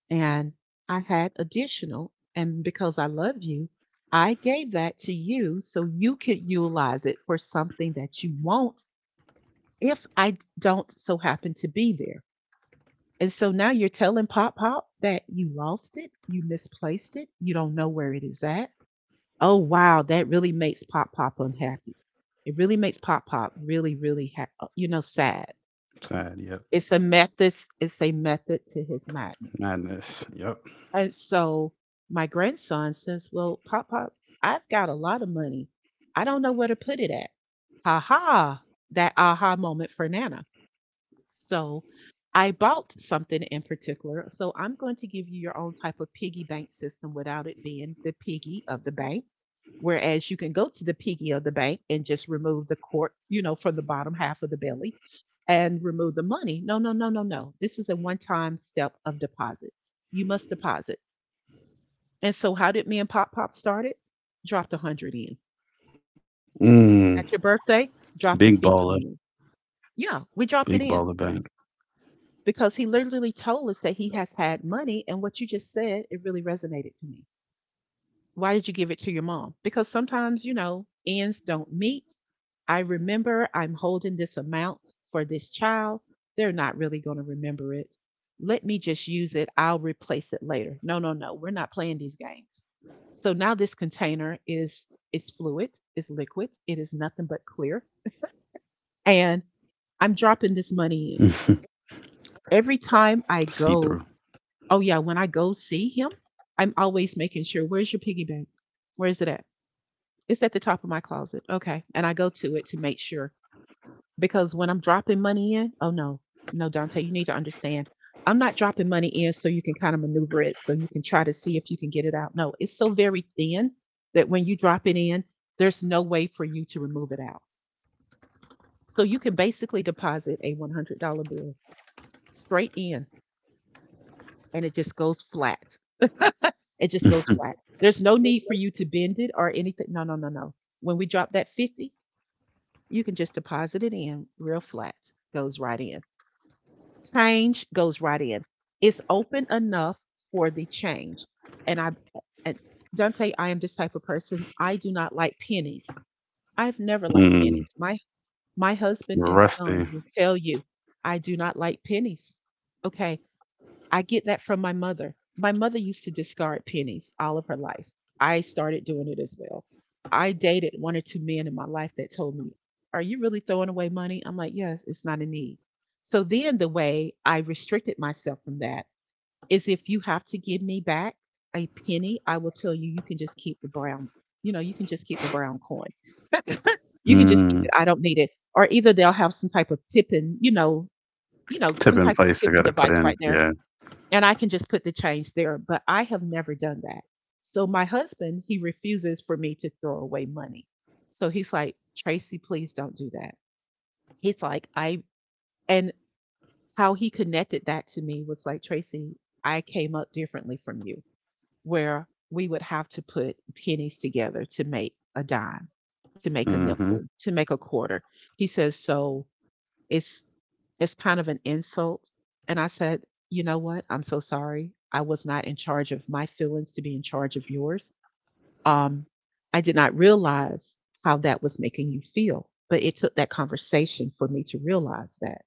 A: And I had additional, and because I love you, I gave that to you so you could utilize it for something that you want if I don't so happen to be there. And so now you're telling Pop Pop that you lost it, you misplaced it, you don't know where it is at. Oh, wow, that really makes Pop Pop unhappy. It really makes Pop Pop really, really, sad.
B: Sad.
A: It's a
B: Yep.
A: method, it's a method to his madness.
B: Madness. Yep.
A: And so my grandson says, well, Pop Pop, I've got a lot of money. I don't know where to put it at. Ha ha, that aha moment for Nana. So I bought something in particular. So I'm going to give you your own type of piggy bank system without it being the piggy of the bank. Whereas you can go to the piggy of the bank and just remove the court, from the bottom half of the belly and remove the money. No, no, no, no, no. This is a one time step of deposit. You must deposit. And so how did me and Pop Pop start it? Dropped 100 in.
B: Mm.
A: At your birthday, dropped a
B: Big
A: 50
B: baller.
A: in. Yeah, we dropped it in.
B: Big baller bank.
A: Because he literally told us that he has had money. And what you just said, it really resonated to me. Why did you give it to your mom? Because sometimes, ends don't meet. I remember I'm holding this amount for this child. They're not really going to remember it. Let me just use it. I'll replace it later. No, no, no. We're not playing these games. So now this container is, it's fluid, it's liquid, it is nothing but clear. And I'm dropping this
B: <laughs>
A: money in. Every
B: See
A: time I
B: through.
A: go. Oh yeah, when I go see him, I'm always making sure, where's your piggy bank? Where is it at? It's at the top of my closet. Okay. And I go to it to make sure because when I'm dropping money in, oh no. No, Dante, you need to understand. I'm not dropping money in so you can kind of maneuver it so you can try to see if you can get it out. No, it's so very thin that when you drop it in, there's no way for you to remove it out. So you can basically deposit a $100 bill straight in, and it just goes flat. It just goes flat.
B: <laughs>
A: There's no need for you to bend it or anything. No, no, no, no. When we drop that 50, you can just deposit it in real flat. Goes right in. Change goes right in. It's open enough for the change. And I and Dante, I am this type of person. I do not like pennies. I've never liked pennies.
B: Mm.
A: My husband and son
B: Rusty.
A: will tell you I do not like pennies. Okay. I get that from my mother. My mother used to discard pennies all of her life. I started doing it as well. I dated one or two men in my life that told me, are you really throwing away money? I'm like, yes, it's not a need. So then the way I restricted myself from that is if you have to give me back a penny, I will tell you, you can just keep the brown, you can just keep the brown coin. You can just keep
B: Mm.
A: it. I don't need it. Or either they'll have some type of tipping,
B: Tip
A: some
B: in
A: type of
B: place, I
A: tipping
B: got it, put
A: device right
B: in,
A: there,
B: yeah.
A: and I can just put the change there. But I have never done that. So my husband, he refuses for me to throw away money. So he's like, Tracy, please don't do that. He's like, I, and how he connected that to me was like, Tracy, I came up differently from you, where we would have to put pennies together to make a dime, to make a
B: Mm-hmm.
A: nickel, to make a quarter. He says, so it's it's kind of an insult. And I said, you know what? I'm so sorry. I was not in charge of my feelings to be in charge of yours. Um, I did not realize how that was making you feel, but it took that conversation for me to realize that.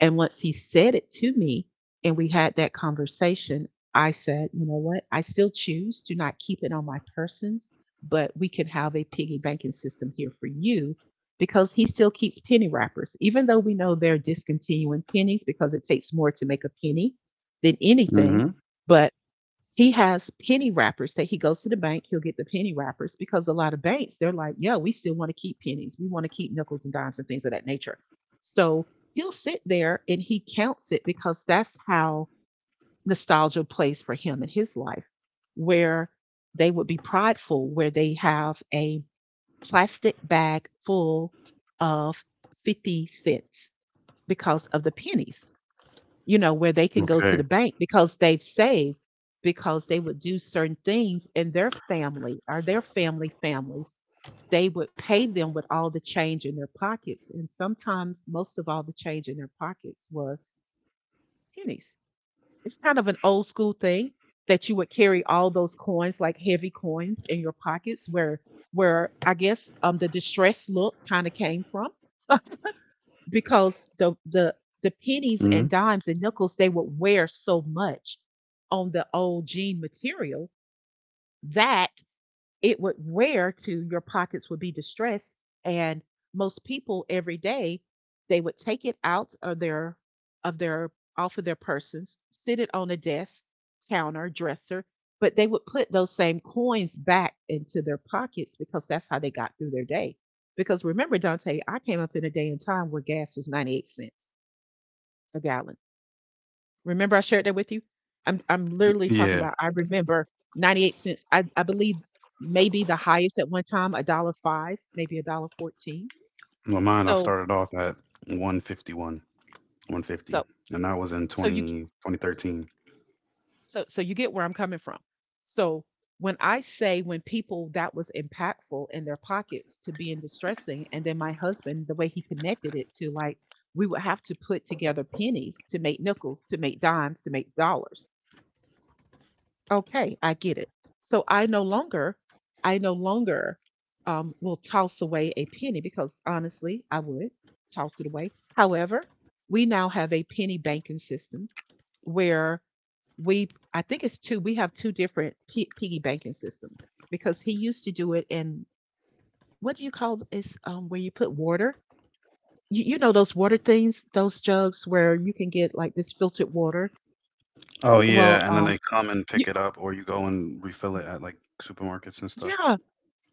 A: And once he said it to me and we had that conversation, I said, you know what? I still choose to not keep it on my persons, but we can have a piggy banking system here for you because he still keeps penny wrappers, even though we know they're discontinuing pennies because it takes more to make a penny than anything.
B: Mm-hmm.
A: But he has penny wrappers that he goes to the bank, he'll get the penny wrappers because a lot of banks, they're like, yo, we still want to keep pennies. We want to keep nickels and dimes and things of that nature. So he'll sit there and he counts it because that's how nostalgia plays for him in his life, where they would be prideful, where they have a plastic bag full of 50 cents because of the pennies, where they can go to the
B: Okay.
A: bank because they've saved, because they would do certain things in their family or their family families. They would pay them with all the change in their pockets. And sometimes most of all the change in their pockets was pennies. It's kind of an old school thing that you would carry all those coins, like heavy coins in your pockets where I guess the distress look kind of came from because the pennies and
B: Mm-hmm.
A: dimes and nickels they would wear so much on the old jean material that it would wear to your pockets would be distressed. And most people every day, they would take it out of their off of their persons, sit it on a desk, counter, dresser, but they would put those same coins back into their pockets because that's how they got through their day. Because remember, Dante, I came up in a day and time where gas was 98 cents a gallon. Remember I shared that with you? I'm literally talking
B: Yeah.
A: about I remember 98 cents. I believe maybe the highest at one time, a dollar five, maybe a dollar 14.
B: Well, mine, I
A: So
B: started off at 151, 150,
A: so
B: and that was in
A: so you
B: 20 2013.
A: so you get where I'm coming from. So when I say when people that was impactful in their pockets to being distressing, and then my husband, the way he connected it to like we would have to put together pennies to make nickels, to make dimes, to make dollars. Okay, I get it. So I no longer will toss away a penny because honestly, I would toss it away. However, we now have a penny banking system where we, I think it's two, we have two different piggy banking systems because he used to do it in, what do you call it's where you put water? You know those water things, those jugs where you can get like this filtered water.
B: Oh,
A: Well,
B: yeah. And then they come and
A: you,
B: pick it up, or you go and refill it at like supermarkets and stuff.
A: yeah,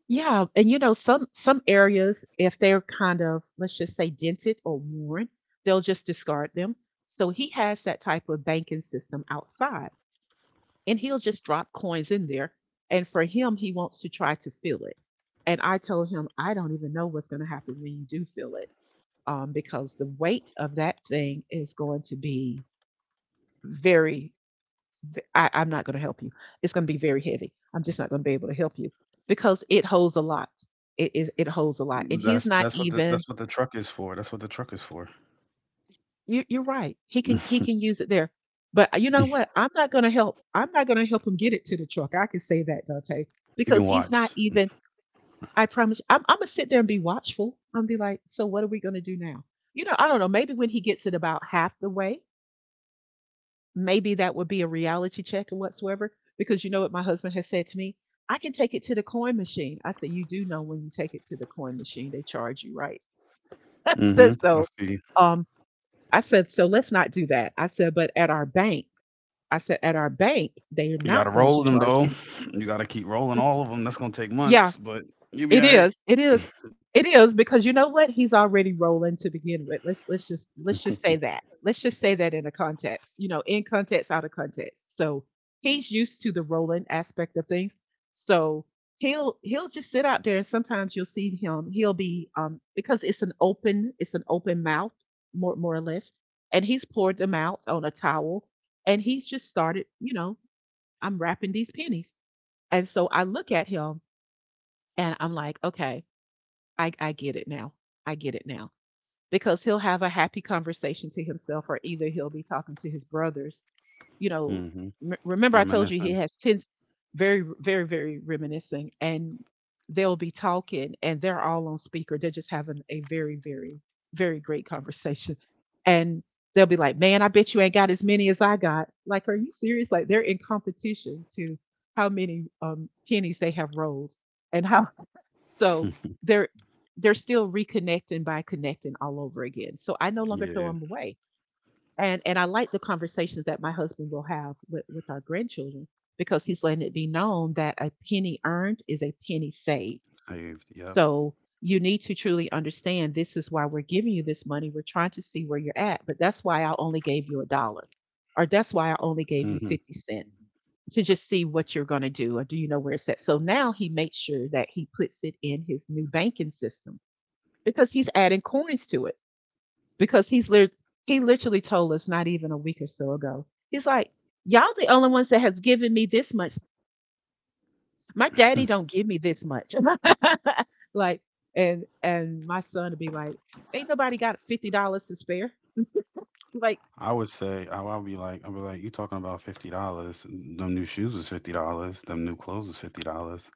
A: yeah, and some areas, if they're kind of, let's just say, dented or worn, they'll just discard them. So he has that type of banking system outside, and he'll just drop coins in there. And for him, he wants to try to fill it. And I told him, I don't even know what's going to happen when you do fill it, because the weight of that thing is going to be very. I'm not going to help you. It's going to be very heavy. I'm just not going to be able to help you because it holds a lot. It holds a lot. And he's not
B: That's
A: even,
B: what the truck is for. That's what the truck is for.
A: you're right. He can
B: <laughs>
A: use it there. But you know what? I'm not going to help. I'm not going to help him get it to the truck. I can say that, Dante,
B: You can
A: because he's
B: watch.
A: not even, I promise, I'm going to sit there and be watchful. I'm going to be like, so what are we going to do now? You know, I don't know. Maybe when he gets it about half the way, maybe that would be a reality check and whatsoever. Because you know what my husband has said to me? I can take it to the coin machine. I said, you do know when you take it to the coin machine, they charge you, right? <laughs> I
B: Hmm,
A: said,
B: I
A: so,
B: feel you.
A: um, I said, so let's not do that. I said, but at our bank, I said, at our bank, they are
B: You
A: not
B: gotta
A: going to
B: roll them
A: charge
B: though.
A: you.
B: You gotta keep rolling
A: <laughs>
B: all of them. That's gonna take
A: Yeah.
B: months, but you'll be
A: It
B: all right.
A: is. It is. It is because you know what? He's already rolling to begin with. Let's just say that. Let's just say that in a context. You know, in context, out of context. So he's used to the rolling aspect of things. So he'll just sit out there and sometimes you'll see him he'll be because it's an open mouth more or less, and he's poured them out on a towel, and he's just started, I'm wrapping these pennies. And so I look at him and I'm like, okay, I get it now. I get it now because he'll have a happy conversation to himself, or either he'll be talking to his brothers. You know,
B: Mm-hmm.
A: m-
B: <laughs>
A: remember I told you he
B: Reminiscing.
A: has tense, very very very reminiscing, and they'll be talking, and they're all on speaker. They're just having a very very very great conversation, and they'll be like, "Man, I bet you ain't got as many as I got." Like, are you serious? Like they're in competition to how many pennies they have rolled and how. So
B: <laughs>
A: they're they're still reconnecting by connecting all over again. So I no longer throw
B: Yeah.
A: them away. And I like the conversations that my husband will have with our grandchildren because he's letting it be known that a penny earned is a penny saved,
B: Saved. Yep.
A: so you need to truly understand this is why we're giving you this money. We're trying to see where you're at, but that's why I only gave you a dollar, or that's why I only gave
B: Hmm.
A: you 50 cents to just see what you're going to do, or do you know where it's at? So now he makes sure that he puts it in his new banking system because he's adding coins to it. Because he literally told us not even a week or so ago, he's like, y'all the only ones that have given me this much. My daddy
B: <laughs>
A: don't give me this much. <laughs> Like, and my son would be like, ain't nobody got $50 to spare. Like,
B: I would say I would be like I'd be like, you talking about $50? Them new shoes was $50. Them new clothes was $50.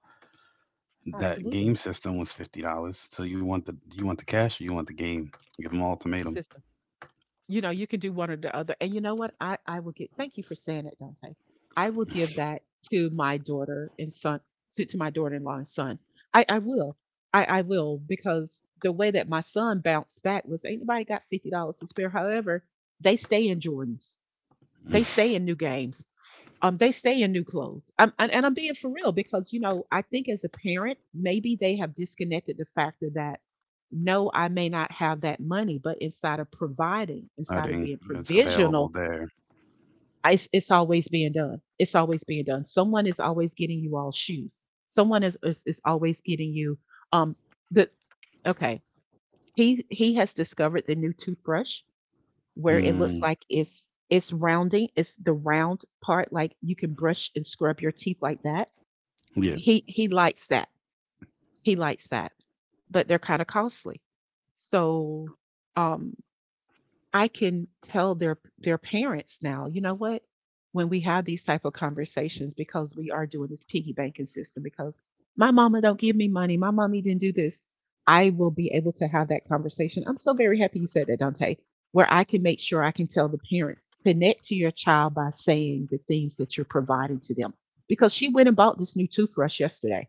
B: That
A: absolutely,
B: game system was $50. So you want the cash or you want the game? Give them
A: the
B: ultimatum.
A: system. You know, you can do one or the other. And you know what? I will get. Thank you for saying it, Dante. I will give that to my daughter and son, to my daughter-in-law and son. I will. I will because the way that my son bounced back was ain't nobody got $50 to spare. However, they stay in Jordans. They stay in
B: <laughs>
A: new games. They stay in new clothes. And I'm being for real because, you know, I think as a parent, maybe they have disconnected the factor that no, I may not have that money, but inside of providing,
B: I
A: inside of
B: think
A: being
B: it's
A: provisional,
B: available there.
A: it's always being done. It's always being done. Someone is always getting you all shoes. Someone is always getting you um the, okay. He has discovered the new toothbrush where it looks
B: Mm,
A: like it's rounding, it's the round part, like you can brush and scrub your teeth like that.
B: yeah.
A: He likes that. He likes that. But they're kind of costly. So um I can tell their parents now, you know what? When we have these type of conversations, because we are doing this piggy banking system, because my mama don't give me money, my mommy didn't do this, I will be able to have that conversation. I'm so very happy you said that, Dante, where I can make sure I can tell the parents, connect to your child by saying the things that you're providing to them. Because she went and bought this new toothbrush yesterday.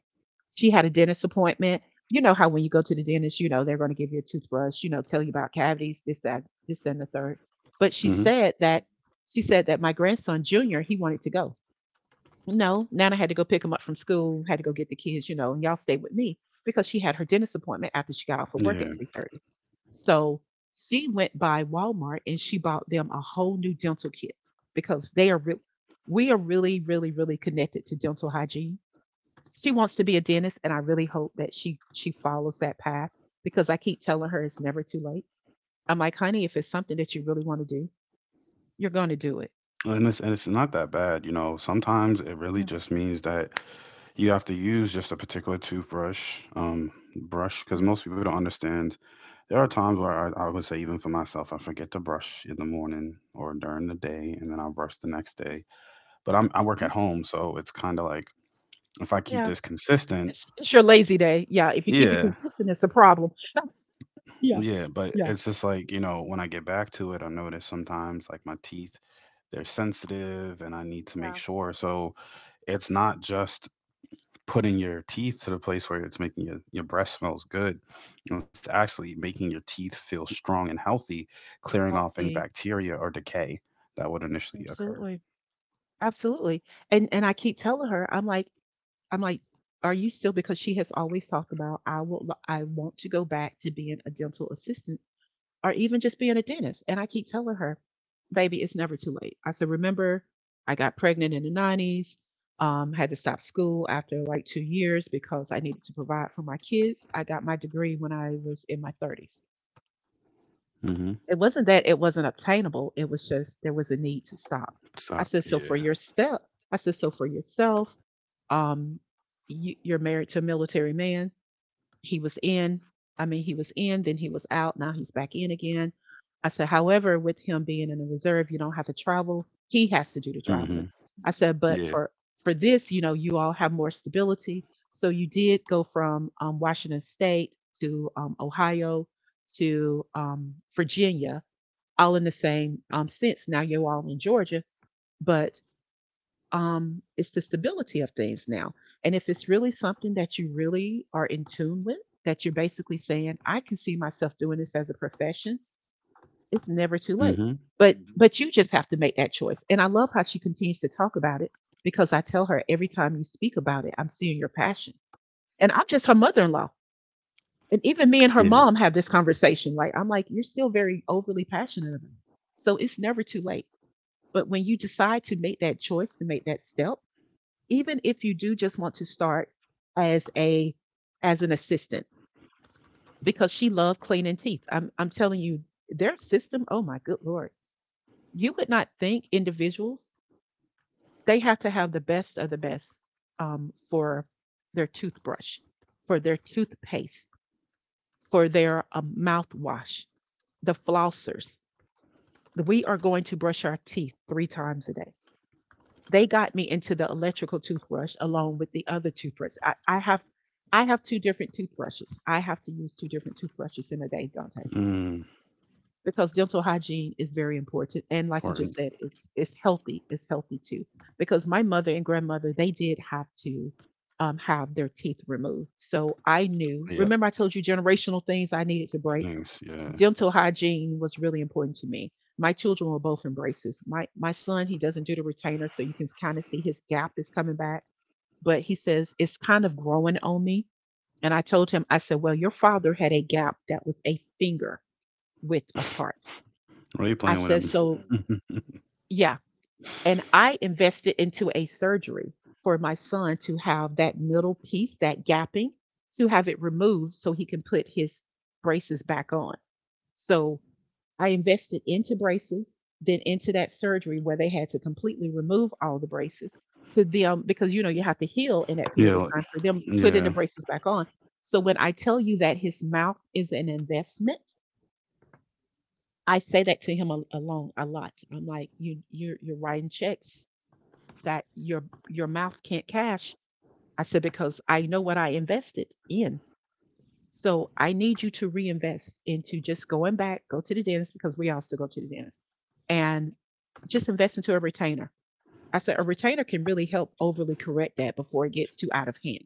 A: She had a dentist appointment. You know how when you go to the dentist, you know they're going to give you a toothbrush, you know, tell you about cavities, this, that, and the third. But she
B: Hmm.
A: said that she said that my grandson Junior, he wanted to go. No, Nana had to go pick him up from school, had to go get the kids, you know, and y'all stay with me because she had her dentist appointment after she got off of work
B: Yeah.
A: at 3:30. So she went by Walmart and she bought them a whole new dental kit because we are really, really, really connected to dental hygiene. She wants to be a dentist and I really hope that she follows that path because I keep telling her it's never too late. I'm like, honey, if it's something that you really want to do, you're going to do it.
B: And it's not that bad. Sometimes it really
A: Yeah.
B: just means that you have to use just a particular toothbrush, brush,
A: Yeah.
B: because most people don't understand. There are times where I would say, even for myself, I forget to brush in the morning or during the day, and then I'll brush the next day. But I work
A: Mhm.
B: at home, so it's kind of like if I keep
A: Yeah,
B: this consistent,
A: it's your lazy day. Yeah, if you keep it
B: yeah,
A: consistent it's a problem. Yeah,
B: yeah. But
A: yeah.
B: it's just like, when I get back to it, I notice sometimes like my teeth, they're sensitive and I need to
A: Yeah.
B: make sure. So it's not just putting your teeth to the place where it's making your breath smells good. It's actually making your teeth feel strong and healthy, clearing off any
A: Healthy.
B: bacteria or decay that would initially occur.
A: Absolutely. Absolutely. And I keep telling her, I'm like, I'm like, are you still, because she has always talked about, I want to go back to being a dental assistant or even just being a dentist. And I keep telling her, baby, it's never too late. I said, remember, I got pregnant in the 90s, had to stop school after like 2 years because I needed to provide for my kids. I got my degree when I was in my 30s.
B: Mm-hmm.
A: It wasn't that it wasn't obtainable, it was just there was a need to stop. I
B: So,
A: said, so for
B: yeah.
A: your step, I said, so for yourself, um, you're married to a military man. He was in. I mean, he was in, then he was out. Now he's back in again. I said, however, with him being in the reserve, you don't have to travel. He has to do the
B: Mm-hmm.
A: traveling. I said, but
B: Yeah.
A: for this, you know, you all have more stability. So you did go from Washington State to Ohio to Virginia, all in the same sense. Now you're all in Georgia, but it's the stability of things now. And if it's really something that you really are in tune with, that you're basically saying, I can see myself doing this as a profession, it's never too late.
B: Mm-hmm.
A: But mhm, but you just have to make that choice. And I love how she continues to talk about it, because I tell her every time you speak about it, I'm seeing your passion. And I'm just her mother-in-law. And even me and her
B: Yeah.
A: mom have this conversation. Like I'm like, you're still very overly passionate about it. So it's never too late. But when you decide to make that choice, to make that step, even if you do just want to start as a as an assistant, because she loved cleaning teeth. I'm telling you, their system, oh my good lord. You would not think individuals, they have to have the best of the best, for their toothbrush, for their toothpaste, for their mouthwash, the flossers. We are going to brush our teeth three times a day. They got me into the electrical toothbrush along with the other toothbrush. I have two different toothbrushes. I have to use two different toothbrushes in a day, Dante,
B: Mm.
A: because dental hygiene is very important. And like you
B: Or,
A: just said, it's healthy. It's healthy too. Because my mother and grandmother, they did have to have their teeth removed. So I knew.
B: yep.
A: Remember, I told you generational things I needed to break,
B: Thanks. Yeah.
A: dental hygiene was really important to me. My children were both in braces. My son, he doesn't do the retainer, so you can kind of see his gap is coming back. But he says it's kind of growing on me. And I told him, I said, well, your father had a gap that was a finger width apart.
B: What are you
A: I
B: playing with
A: said,
B: him?
A: so yeah. And I invested into a surgery for my son to have that middle piece, that gapping, to have it removed so he can put his braces back on. So I invested into braces, then into that surgery where they had to completely remove all the braces to them, because you know you have to heal in that
B: Yeah.
A: period of time for them putting the
B: Yeah.
A: braces back on. So when I tell you that his mouth is an investment, I say that to him alone a lot. I'm like, you're you're writing checks that your mouth can't cash. I said because I know what I invested in. So I need you to reinvest into just going back, go to the dentist because we all still go to the dentist, and just invest into a retainer. I said a retainer can really help overly correct that before it gets too out of hand.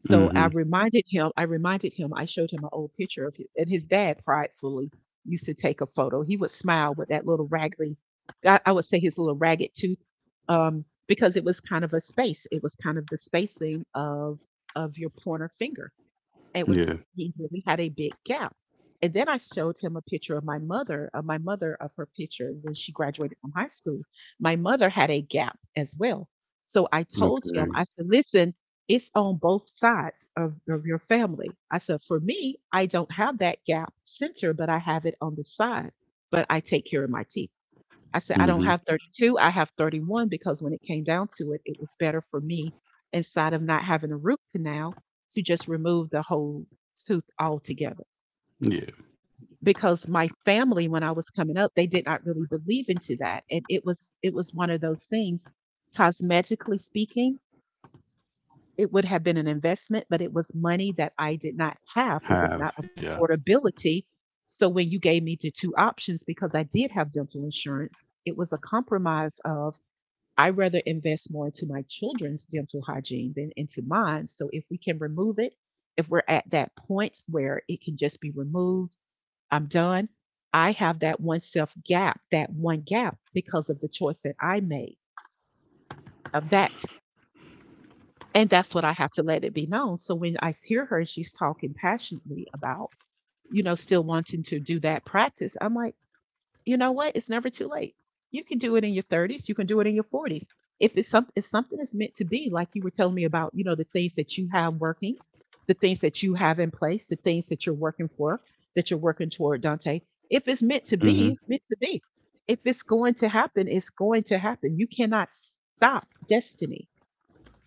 A: So I
B: Mm-hmm.
A: reminded him, I reminded him, I showed him an old picture of his, and his dad pridefully used to take a photo. He would smile with that little raggedy, I would say his little ragged tooth, because it was kind of a space. It was kind of the spacing of your pointer finger. It was
B: Yeah.
A: He really had a big gap. And then I showed him a picture of my mother, of my mother, of her picture when she graduated from high school. My mother had a gap as well. So I told him,
B: Okay.
A: I said, listen, it's on both sides of your family. I said, for me, I don't have that gap center, but I have it on the side, but I take care of my teeth. I said, I don't
B: Mm-hmm.
A: have 32, I have 31, because when it came down to it, it was better for me, inside of not having a root canal, to just remove the whole tooth altogether.
B: Yeah.
A: Because my family, when I was coming up, they did not really believe into that. And it was one of those things, cosmetically speaking, it would have been an investment, but it was money that I did not have. It was
B: Have.
A: not
B: Yeah.
A: affordability. So when you gave me the two options, because I did have dental insurance, it was a compromise of, I rather invest more into my children's dental hygiene than into mine. So if we can remove it, if we're at that point where it can just be removed, I'm done. I have that one self gap, that one gap, because of the choice that I made of that. And that's what I have to let it be known. So when I hear her, she's talking passionately about, you know, still wanting to do that practice. I'm like, you know what? It's never too late. You can do it in your 30s. You can do it in your 40s. If something is meant to be, like you were telling me about, you know, the things that you have working, the things that you have in place, the things that you're working for, that you're working toward, Dante. If it's meant to
B: Mm-hmm.
A: be, it's meant to be. If it's going to happen, it's going to happen. You cannot stop destiny.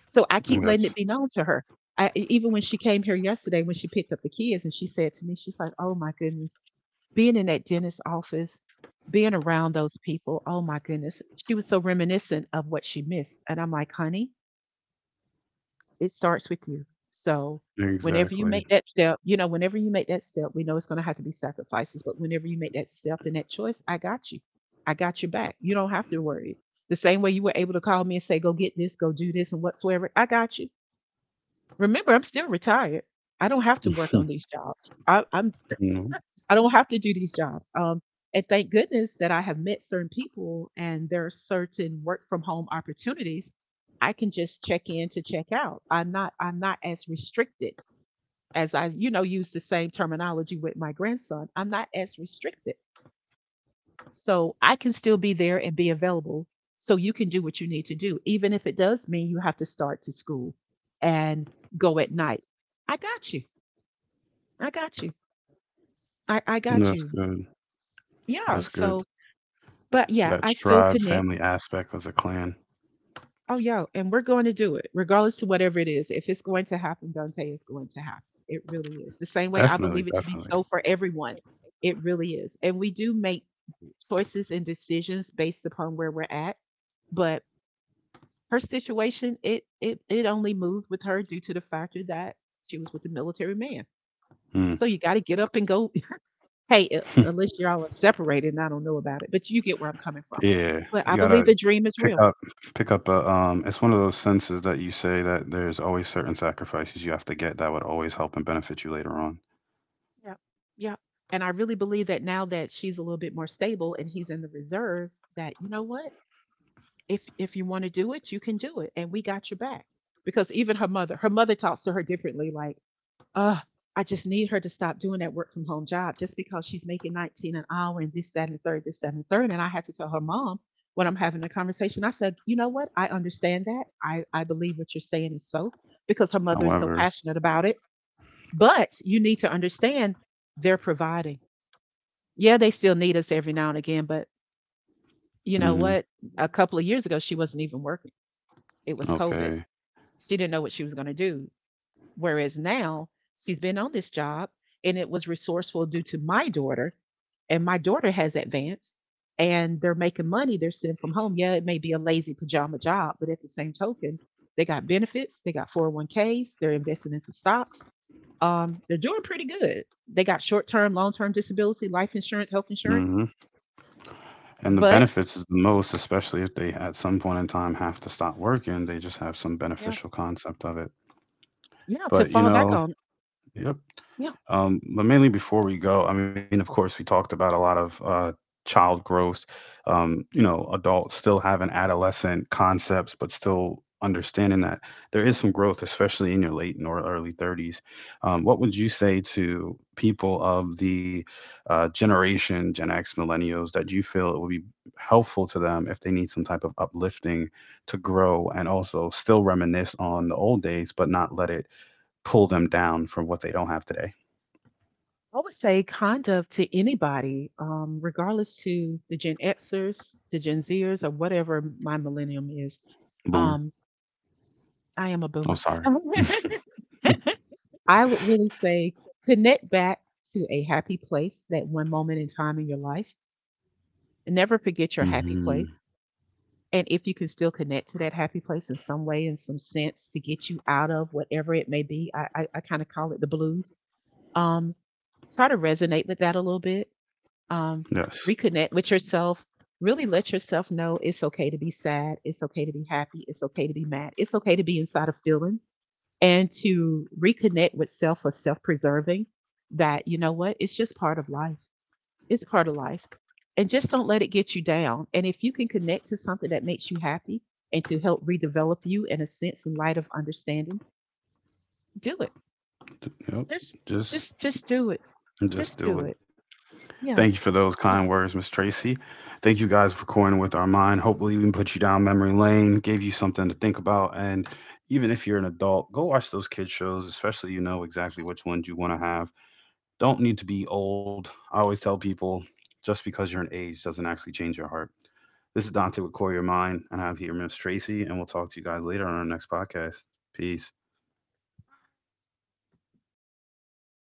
A: So I keep letting it
B: Yes.
A: be known to her. Even when she came here yesterday, when she picked up the kids, and she said to me, she's like, "Oh my goodness," being in that dentist's office, being around those people, oh my goodness, she was so reminiscent of what she missed. And I'm like, honey, it starts with you. So whenever you
B: Exactly.
A: make that step, you know, whenever you make that step, we know it's going to have to be sacrifices, but whenever you make that step and that choice, I got you. I got your back. You don't have to worry. The same way you were able to call me and say, go get this, go do this, and whatsoever, I got you. Remember, I'm still retired. I don't have to work on these jobs. I'm
B: No.
A: I don't have to do these jobs. And thank goodness that I have met certain people and there are certain work from home opportunities. I can just check in to check out. I'm not as restricted as I, you know, use the same terminology with my grandson. I'm not as restricted. So I can still be there and be available so you can do what you need to do, even if it does mean you have to start to school and go at night. I got you. I got you. I got
B: That's
A: you.
B: good. That's
A: Yeah.
B: good.
A: So, but yeah,
B: That
A: I still
B: tribe
A: connect.
B: family aspect as a clan.
A: Oh, yo, and we're going to do it, regardless to whatever it is. If it's going to happen, Dante, it's going to happen. It really is. The same way I
B: Definitely,
A: believe it to be
B: definitely.
A: so for everyone. It really is. And we do make choices and decisions based upon where we're at. But her situation, it only moved with her due to the factor that she was with a military man.
B: Mm.
A: So you got to get up and go. <laughs> Hey,
B: <laughs>
A: unless y'all are separated, and I don't know about it, but you get where I'm coming from.
B: Yeah,
A: But I
B: you
A: believe
B: gotta
A: the dream is
B: pick
A: real.
B: up pick up a it's one of those senses that you say that there's always certain sacrifices you have to get that would always help and benefit you later on.
A: Yeah. Yeah. And I really believe that now that she's a little bit more stable and he's in the reserve, that you know what? If you want to do it, you can do it. And we got your back. Because even her mother talks to her differently, like, uh, I just need her to stop doing that work from home job just because she's making 19 an hour and this, that, and the third, this, that, and the third. And I had to tell her mom, when I'm having a conversation, I said, you know what? I understand that. I believe what you're saying is so, because her mother is so
B: However.
A: passionate about it. But you need to understand, they're providing, yeah, they still need us every now and again, but you know
B: Hmm,
A: what? A couple of years ago, she wasn't even working. It was COVID.
B: okay.
A: She didn't know what she was going to do. Whereas now, she's been on this job, and it was resourceful due to my daughter, and my daughter has advanced and they're making money. They're sent from home. Yeah, it may be a lazy pajama job, but at the same token, they got benefits, they got 401ks, they're investing into stocks. They're doing pretty good. They got short term, long term disability, life insurance, health insurance,
B: Hmm. And the
A: but
B: benefits is the most, especially if they at some point in time have to stop working, they just have some
A: yeah.
B: beneficial concept of it.
A: Yeah, to
B: But
A: fall back on.
B: yeah.
A: Yeah,
B: But mainly before we go, I mean, of course, we talked about a lot of child growth. Adults still having adolescent concepts, but still understanding that there is some growth, especially in your late and or early 30s. What would you say to people of the generation Gen X, millennials, that you feel it would be helpful to them if they need some type of uplifting to grow and also still reminisce on the old days, but not let it pull them down from what they don't have today?
A: I would say kind of to anybody, regardless to the Gen Xers, the Gen Zers, or whatever my millennium is.
B: Boomer.
A: Um, I am a boomer.
B: Oh,
A: <laughs>
B: sorry.
A: I would really say connect back to a happy place, that one moment in time in your life. And never forget your happy
B: Hmm.
A: place. And if you can still connect to that happy place in some way, in some sense, to get you out of whatever it may be, I kind of call it the blues. Um, try to resonate with that a little bit, um,
B: Yes.
A: reconnect with yourself. Really let yourself know it's okay to be sad. It's okay to be happy. It's okay to be mad. It's okay to be inside of feelings, and to reconnect with self, or self preserving, that, you know what, it's just part of life. It's part of life. And just don't let it get you down. And if you can connect to something that makes you happy and to help redevelop you in a sense in light of understanding, do it.
B: Yep.
A: Just,
B: Just,
A: just do it. Just
B: just
A: do
B: do
A: it.
B: it.
A: Yeah.
B: Thank you for those
A: Yeah.
B: kind words, Miss Tracy. Thank you guys for coining with our mind. Hopefully, we put you down memory lane, gave you something to think about, and even if you're an adult, go watch those kid shows. Especially, you know exactly which ones you want to have. Don't need to be old. I always tell people just because you're an age doesn't actually change your heart. This is Dante with Core Your Mind, and I have here Miss Tracy, and we'll talk to you guys later on our next podcast. Peace.